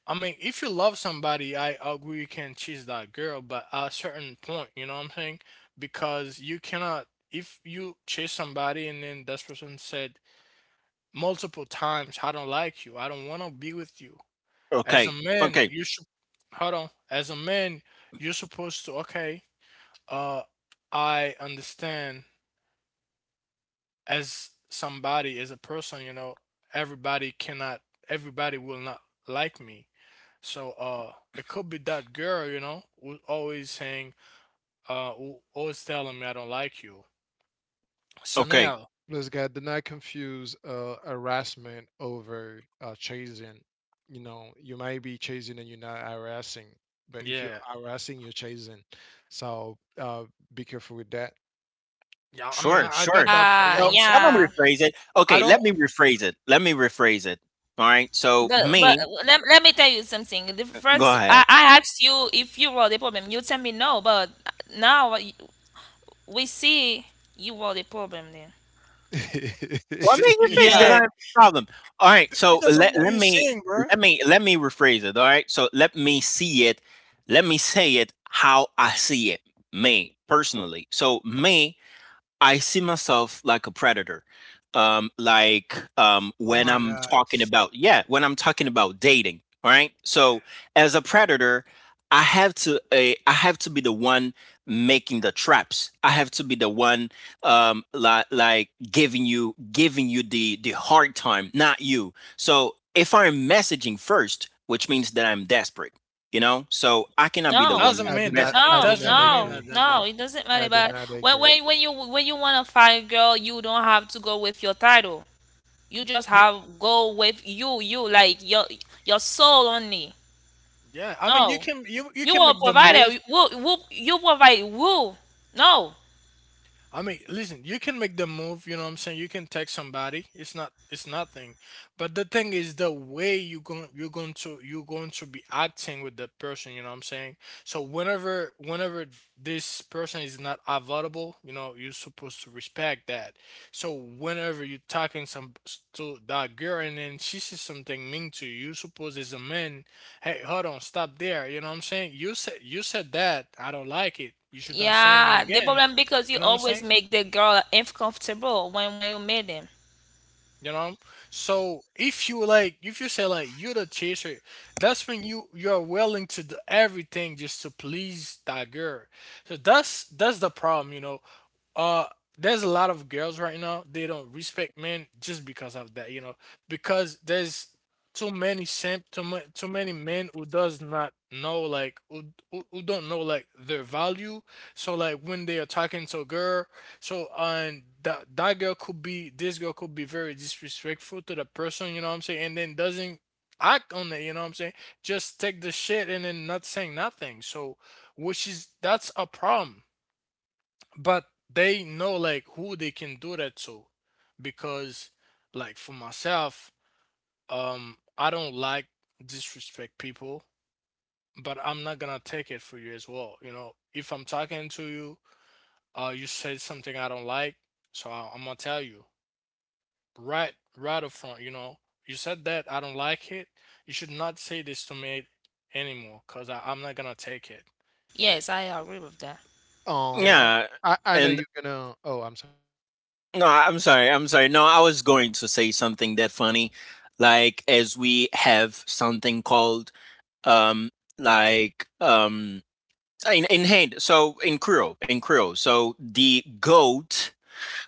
I mean, if you love somebody, I agree, you can choose that girl, but at a certain point, you know what I'm saying, because you cannot, if you chase somebody and then that person said multiple times, "I don't like you. I don't want to be with you." As a
Okay.
man,
Okay.
you should hold on. As a man, you're supposed to, okay. Uh, I understand. As somebody, as a person, you know, everybody cannot, everybody will not like me. So, uh, it could be that girl, you know, who's always saying, uh, who always telling me, "I don't like you." So
Okay.
now,
Plus, God, do not confuse uh, harassment over uh, chasing. You know, you might be chasing and you're not harassing, but if you're
yeah,
harassing, you're chasing. So uh, be careful with that.
yeah. I mean,
Sure.
I, I
Sure.
got that part. You
Uh
know what
So
I'm
I'm
saying?
gonna
yeah.
rephrase it.
I
Okay,
don't.
let me rephrase it. Let me rephrase it. All right. So
But but
me,
let, let me tell you something. The
go
first
ahead.
I, I asked you if you were the problem. You tell me no, but now we see you are the problem then.
Well, I mean, you fix that I
Yeah,
have
Yeah.
a problem. All
D
right. So
because of
let
what
let
you're
me
seeing, bro.
let me let me rephrase it. All right. So let me see it. Let me say it how I see it. Me personally. So me I see myself like a predator. Um, like um,
Oh
when
my
I'm
god.
talking about, yeah, when I'm talking about dating, all right? So as a predator, I have to uh, I have to be the one making the traps. I have to be the one um like like giving you giving you the the hard time, not you. So if I'm messaging first, which means that I'm desperate, you know? So I cannot be
It
the
No.
one mes-
doesn't
I do
mean that,
not.
messaging
it
I
first.
do
No.
not
doesn't mean
No.
that,
agree.
that,
No.
bro.
It doesn't matter
I do
about
not
when
agree.
when when you when you wanna find a girl. You don't have to go with your title. You just
You,
have go with you. You like your your soul only.
yeah, I mean, you
No.
can, you you
You
can
will
make the
provide
move.
a woo, woo, you provide woo. No.
I mean, listen, you can make the move, you know what I'm saying? You can text somebody. It's not, it's nothing. But the thing is the way you going, you're going to you're going to be acting with that person, you know what I'm saying? So whenever whenever this person is not available, you know, you're supposed to respect that. So whenever you're talking some to that girl and then she says something mean to you, you suppose as a man, hey, hold on, stop there. You know what I'm saying? You said you said that, "I don't like it." You should not saying it
Yeah, the
again.
problem because you
You know what I'm
always
saying?
make the girl uncomfortable when when you meet them.
You know, so if you like, if you say like you're the chaser, that's when you, you're willing to do everything just to please that girl. So that's that's the problem, you know. uh, there's a lot of girls right now. They don't respect men just because of that, you know, because there's too many simp, too, ma- too many men who does not know like who, who, who don't know like their value. So like when they are talking to a girl, so and that that girl could be, this girl could be very disrespectful to the person, you know what I'm saying, and then doesn't act on it, you know what I'm saying? Just take the shit and then not saying nothing. So which is, that's a problem, but they know like who they can do that to, because like for myself, um I don't like disrespect people, but I'm not gonna take it for you as well, you know. If I'm talking to you, uh you said something I don't like, so I, I'm gonna tell you right right up front, you know. You said that, I don't like it. You should not say this to me anymore because I'm not gonna take it,
Yes, I agree with that.
you
Um,
know.
Yeah,
I I know
and
you're gonna. Oh, I'm sorry.
no, I- I'm sorry. I'm sorry. No, I was going to say something that funny. Like as we have something called um like um in, in hand. So in Creole, in Creole. So the goat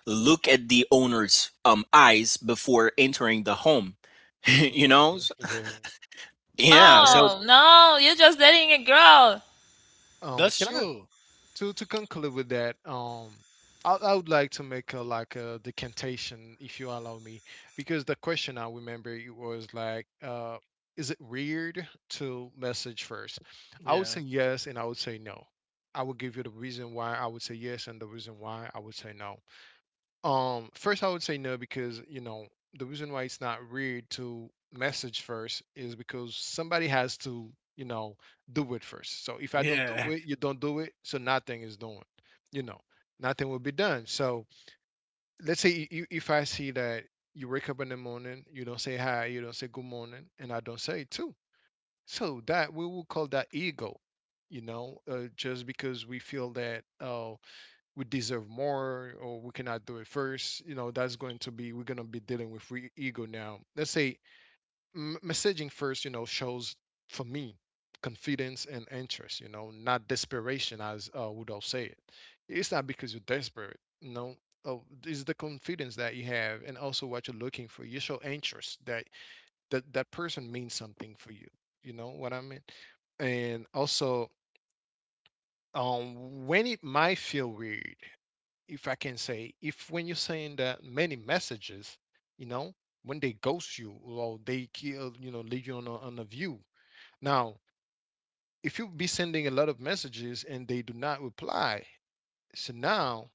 look at the owner's um eyes before entering the home.
I'm sorry.
you know? So-
Yeah.
yeah,
Yeah,
so
Oh no, you're just dating a girl.
Um,
that's
can I
true.
to to conclude with that? Um, I I would like to make a, like a, decantation, if you allow me, because the question I remember it was like, uh, is it weird to message first? I would
Yeah,
say yes, and I would say no. I would give you the reason why I would say yes and the reason why I would say no. Um, first, I would say no, because you know the reason why it's not weird to message first is because somebody has to, you know, do it first. So if I don't do
yeah,
it, you don't do it, so nothing is done. You know, nothing will be done. So, let's say you, if I see that you wake up in the morning, you don't say hi, you don't say good morning, and I don't say it too. So that we will call that ego. You know, uh, just because we feel that, oh, we deserve more, or we cannot do it first, you know, that's going to be, we're going to be dealing with free ego. Now, let's say m- messaging first, you know, shows, for me, confidence and interest, you know, not desperation, as uh, would all say it. It's not because you're desperate, you know. Oh, it's the confidence that you have, and also what you're looking for, you show interest that that that person means something for you. You know what I mean? And also, um when it might feel weird, if I can say, if when you send uh, many messages, you know, when they ghost you, or they kill, you know, leave you on a, on a view. Now, if you be sending a lot of messages and they do not reply, so now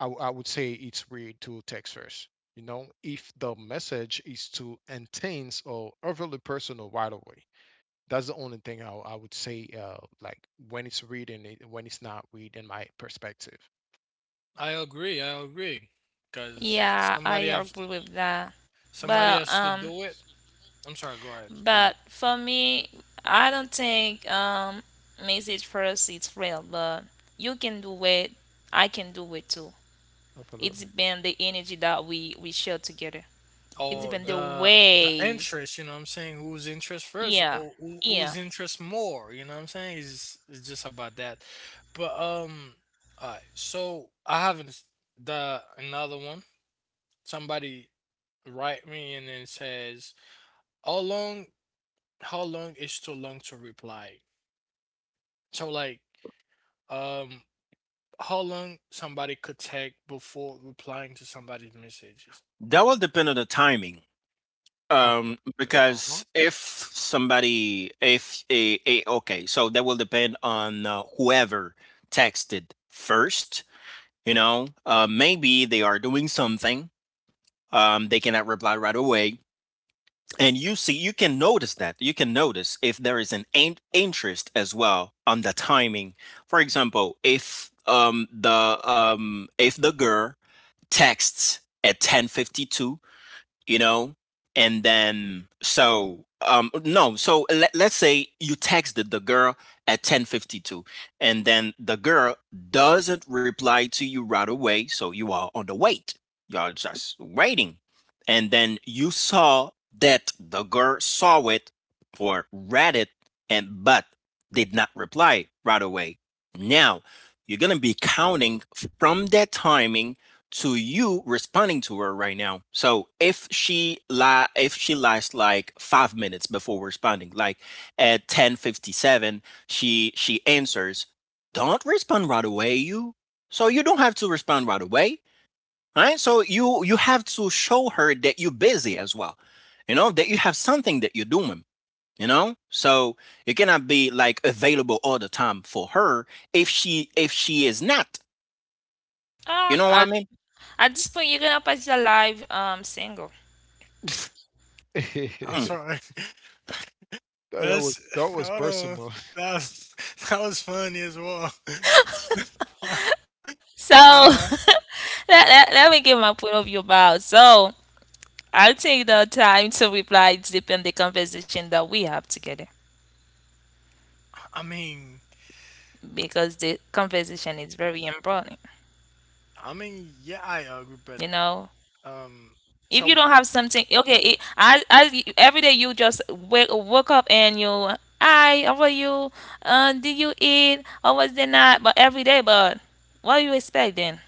I, w- I would say it's weird to text first. You know, if the message is too intense or overly personal right away, that's the only thing I, I would say. Uh, like, when it's read, and it, when it's not read, in my perspective.
I agree. I agree. Because
Yeah, I
somebody have,
agree with that. But
somebody
um,
has to do it. I'm sorry. Go ahead,
but for
Kalita.
me, I don't think um, message first is real. But you can do it. I can do it too. It
Absolutely,
depends the energy that we we share together. It depends
Oh,
the
absolutely.
the the
way.
interest. You know what I'm saying? Whose interest first,
Yeah,
or who,
yeah.
whose interest more? You know what I'm saying? It's it's just about that. But um, all right. So I have an- the another one. Somebody write me and then says, "How long? How long is too long to reply?" So like, um, how long somebody could take before replying to somebody's messages.
that will depend on the timing. Um,
Absolutely. Uh-huh.
because if somebody, if a, a okay, so that will depend on uh, whoever texted first. You know, uh, maybe they are doing something. Um, they cannot reply right away, and you see, you can notice that. You can notice if there is an in- interest as well on the timing. For example, if um the um if the girl texts at ten fifty two, you know and then so um no, so let, let's say you texted the girl at ten fifty two, and then the girl doesn't reply to you right away, so you are on the wait. You're just waiting, and then you saw that the girl saw it or read it, and but did not reply right away. Now you're going to be counting from that timing to you responding to her right now. So if she li- if she lies like five minutes before responding, like at ten fifty seven, she she answers, don't respond right away, you. So you don't have to respond right away, right? So you you have to show her that you're busy as well, you know, that you have something that you're doing. You know, so you cannot be like available all the time for her, if she if she is not. You
Ah,
know what I
at,
mean?
at this point, you're gonna pass your life um single.
I'm sorry.
That, that was,
That's
that was
hold on.
personal.
That was, that was funny as well.
So
I
let, let, let me give my point of view about. So I'll take the time to reply. It depends the conversation that we have together.
I mean,
Because the conversation is very important.
I mean, yeah, I agree, but
You know,
um
if you
so
don't have something, okay, it, I, I, every day you just wake, wake up and you, hi, how are you? Uh, did you eat? How was the night? But every day, but what do you expect then?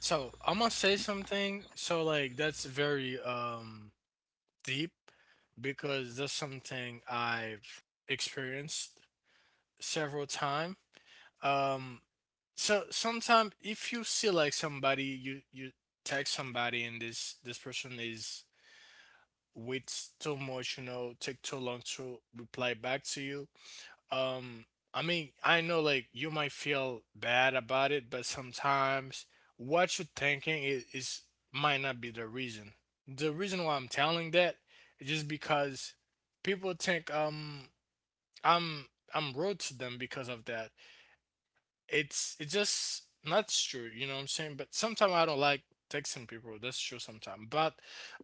so I'm gonna say something, so like that's very um deep because that's something I've experienced several times. Um, so sometimes if you see like somebody, you you text somebody and this this person is waits too much, you know, take too long to reply back to you. Um, I mean, I know like you might feel bad about it, but sometimes what you're thinking is, is might not be the reason. The reason why I'm telling that is just because people think um I'm I'm rude to them because of that. it's it's just not true, you know what I'm saying, but sometimes I don't like texting people, that's true sometimes, but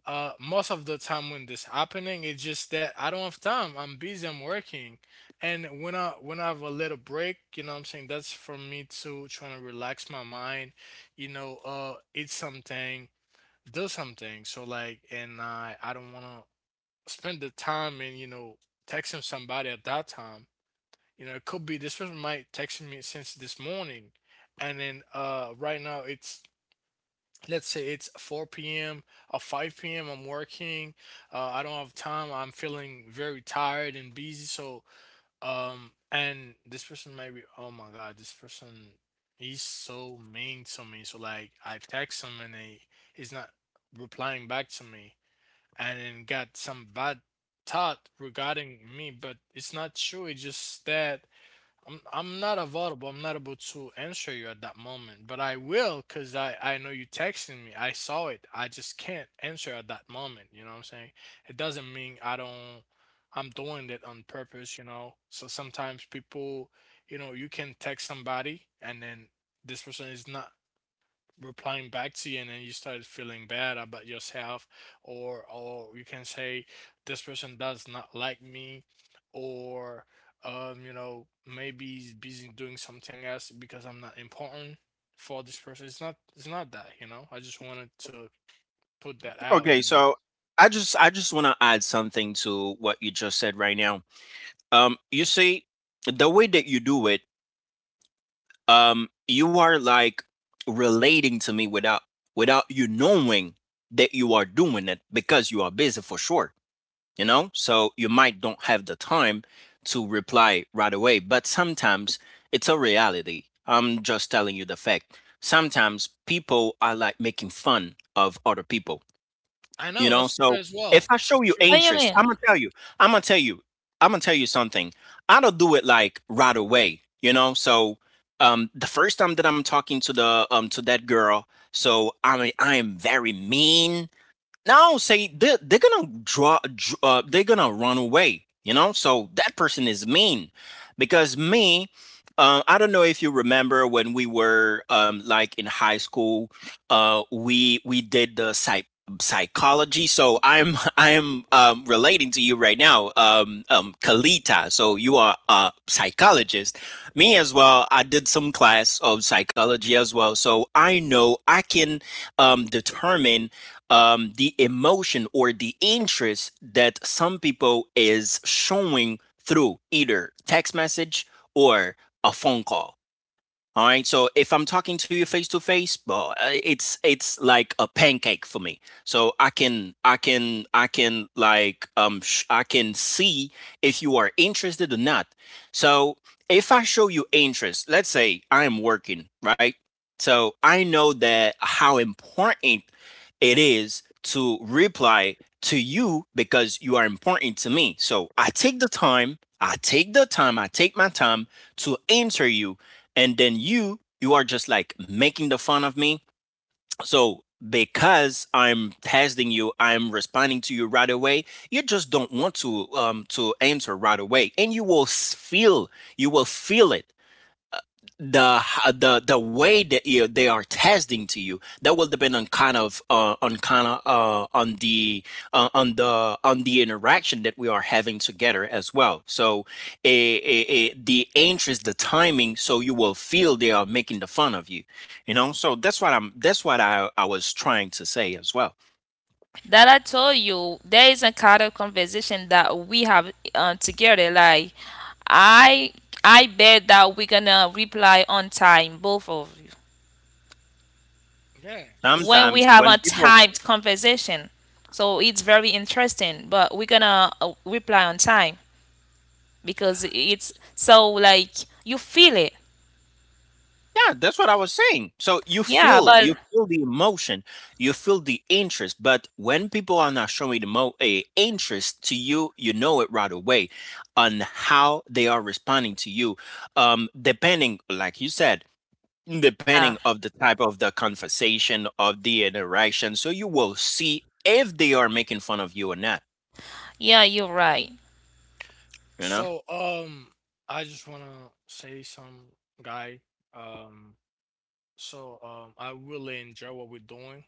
uh most of the time when this happening, it's just that I don't have time, I'm busy, I'm working. And when i when I have a little break, you know what I'm saying, that's for me to trying to relax my mind, you know, uh eat something, do something. So like, and i i don't want to spend the time in, you know, texting somebody at that time. You know, it could be this person might texted me since this morning, and then uh, right now it's, let's say it's four p m or five p m. I'm working. Uh, I don't have time. I'm feeling very tired and busy. So um, and this person might be, oh my God, this person, he's so mean to me. So like I text him and he he's not replying back to me, and then got some bad thought regarding me, but it's not true. It's just that I'm I'm not available. I'm not able to answer you at that moment, but I will, because I I know you texting me. I saw it. I just can't answer at that moment. You know what I'm saying? It doesn't mean I don't. I'm doing it on purpose. You know. So sometimes people, you know, you can text somebody and then this person is not replying back to you, and then you started feeling bad about yourself, or or you can say this person does not like me, or um you know, maybe he's busy doing something else because I'm not important for this person. It's not, it's not that, you know. I just wanted to put that out.
Okay,
And
so I just I just want to add something to what you just said right now. Um, you see, the way that you do it, um, you are like relating to me without without you knowing that you are doing it, because you are busy for sure. You know, so you might don't have the time to reply right away, but sometimes it's a reality. I'm just telling you the fact. Sometimes people are like making fun of other people,
I
you
know
know,
that's true
so
as
if
well,
I show
that's
you
true,
What do you
interest, I'm gonna
mean?
tell you, I'm gonna tell you, I'm gonna tell you something. I don't do it like right away, you know. So um the first time that I'm talking to the um to that girl, so I mean I am very mean no, say they're, they're gonna draw, dr- uh, they're gonna run away, you know? So that person is mean because me, uh, I don't know if you remember when we were um, like in high school, uh, we we did the psych psychology. So I'm I'm um, relating to you right now, um, um, Kalita. So you are a psychologist. Me as well. I did some class of psychology as well. So I know I can um, determine um, the emotion or the interest that some people is showing through either text message or a phone call, all right. So if I'm talking to you face to face, but it's it's like a pancake for me. So I can I can I can like um sh- I can see if you are interested or not. So if I show you interest, let's say I am working, right? So I know that how important it is to reply to you because you are important to me. So I take the time, I take the time, I take my time to answer you, and then you you are just like making the fun of me so because I'm testing you, I'm responding to you right away. You just don't want to um to answer right away and you will s- feel, you will feel it, the the the way that you, they are testing to you that will depend on kind of uh, on kind of uh, on the uh, on the on the interaction that we are having together as well. So eh, eh, eh, the interest, the timing, so you will feel they are making the fun of you, you know. So that's what i'm that's what i i was trying to say as well.
That I told you, there is a kind of conversation that we have uh, together. Like, I, I bet that we're gonna reply on time, both of you.
yeah, that's
When
true.
Sometimes
we have
when
a
people—
typed conversation. So it's very interesting, but we're gonna uh, reply on time because it's so like you feel it.
Yeah, that's what I was saying. So you
Yeah,
feel you
but
feel the emotion, you feel the interest, but when people are not showing the mo a interest to you, you know it right away on how they are responding to you. Um, depending, like you said, depending
yeah,
of the type of the conversation of the interaction, so you will see if they are making fun of you or not.
yeah, you're right.
You know?
So um I just wanna say some guy, um so um I really enjoy what we're doing.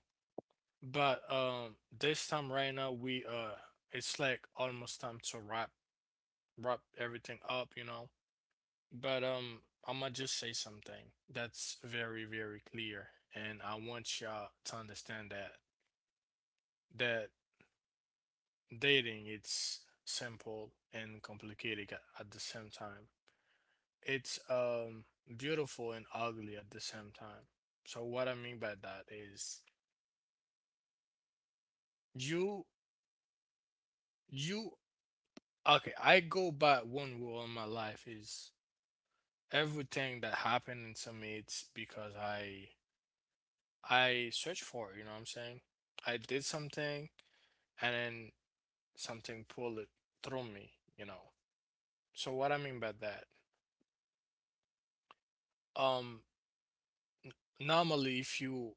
But um, this time right now we uh, it's like almost time to wrap wrap everything up, you know. But um, I'm gonna just say something that's very very clear, and I want y'all to understand that, that dating, it's simple and complicated at, at the same time. It's um beautiful and ugly at the same time. So what I mean by that is you you, okay. I go by one rule in my life is everything that happened to me, it's because i i searched for it, you know what I'm saying. I did something and then something pulled it through me, you know. So what I mean by that, um normally, if you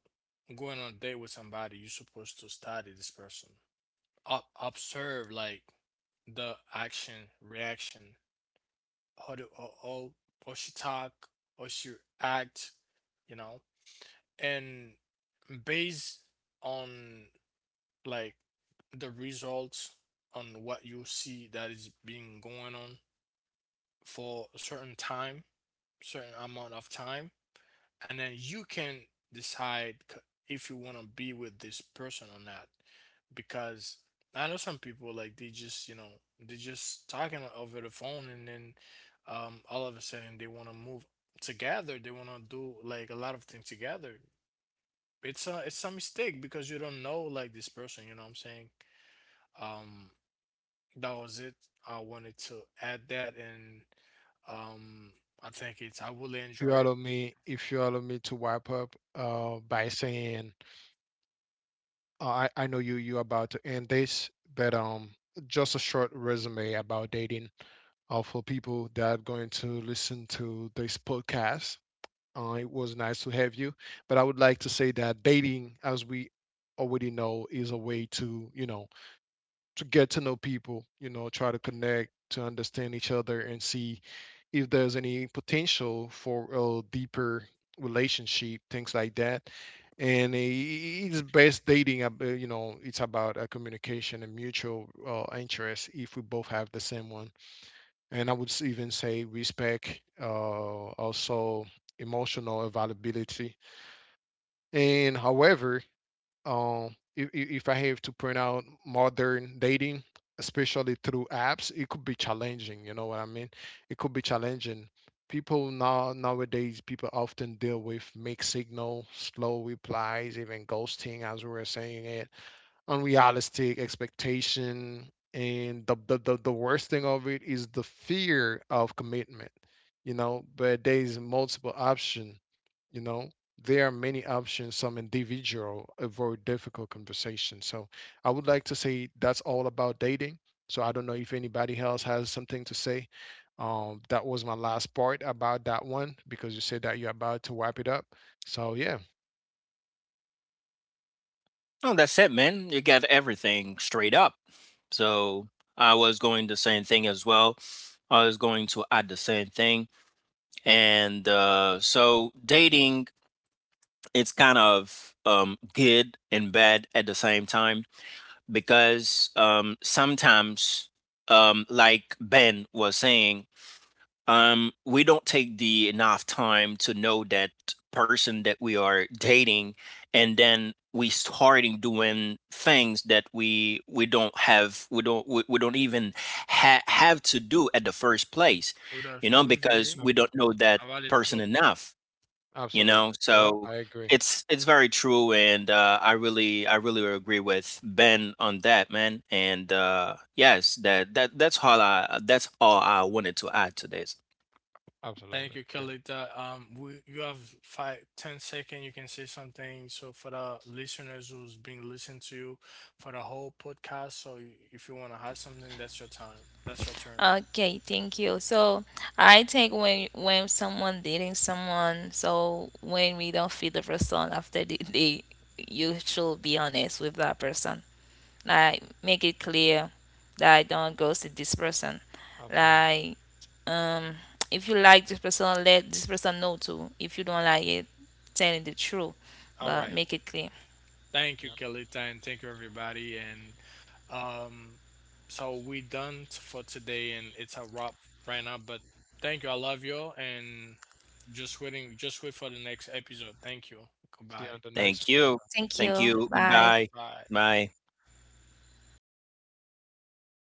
going on a date with somebody, you're supposed to study this person. Ob- observe like the action, reaction, how do or, or, or she talk or she act, you know, and based on like the results on what you see that is being going on for a certain time, certain amount of time, and then you can decide c- if you want to be with this person or not. Because I know some people like they just, you know, they just talking over the phone and then um all of a sudden they want to move together, they want to do like a lot of things together. It's a, it's a mistake because you don't know like this person, you know what I'm saying. um that was it. I wanted to add that. And um I think it's, I will
If you
enjoy it.
allow me, if you allow me to wrap up uh, by saying, uh, I I know you, you about to end this, but um, just a short resume about dating. Uh, for people that are going to listen to this podcast, uh, it was nice to have you. But I would like to say that dating, as we already know, is a way to, you know, to get to know people, you know, try to connect, to understand each other, and see if there's any potential for a deeper relationship, things like that. And i- it's best dating, ab- uh, you know, it's about uh, communication and mutual uh, interest, if we both have the same one. And I would s- even say respect, uh, also emotional availability. And however, um if, if if I have to print out modern dating, especially through apps, it could be challenging, you know what I mean? It could be challenging. People now, nowadays people often deal with mixed signal, slow replies, even ghosting, as we were saying it, unrealistic expectation, and the the, the, the worst thing of it is the fear of commitment, you know. But there's multiple option, you know, there are many options. Some individual avoid difficult conversations. So I would like to say that's all about dating. So I don't know if anybody else has something to say. Um, that was my last part about that one, because you said that you're about to wrap it up. So yeah.
No, that's it, man. You got everything straight up. So I was going the same thing as well. I was going to add the same thing. And uh, so dating, it's kind of um, good and bad at the same time because um, sometimes, um, like Ben was saying, um, we don't take the enough time to know that person that we are dating, and then we starting doing things that we we don't have we don't we, we don't even ha- have to do at the first place,
Rudolf
you know,
Nuvi,
because
No,
we don't know that
Avali Trop.
person enough, you know.
absolutely. Yeah,
So
I agree.
it's it's very true, and uh, i really i really agree with Ben on that, man, and uh yes, that that that's all i that's all I wanted to add to this.
Thank you,
Absolutely. Great.
Kelita. Um we, you have five, ten second you can say something, so for the listeners who's been listening to you for the whole podcast, so if you want to have something, that's your time, that's your turn.
Okay, thank you. So I think when when someone dating someone, so when we don't feel the person after the date, you should be honest with that person. Like make it clear that I don't ghost this person.
Absolutely.
Like, um if you like this person, let this person know too. If you don't like it, telling the truth.
All
But
right
make it clear.
Thank you,
Yeah.
Kelita, and thank you, everybody. And um, so we done t- for today, and it's a wrap right now. But thank you, I love you, and just waiting, just wait for the next episode. Thank you.
See
Goodbye.
you on the next
Thank
one.
you.
Thank
Thank
you,
you.
bye.
Goodbye.
Bye.
Bye.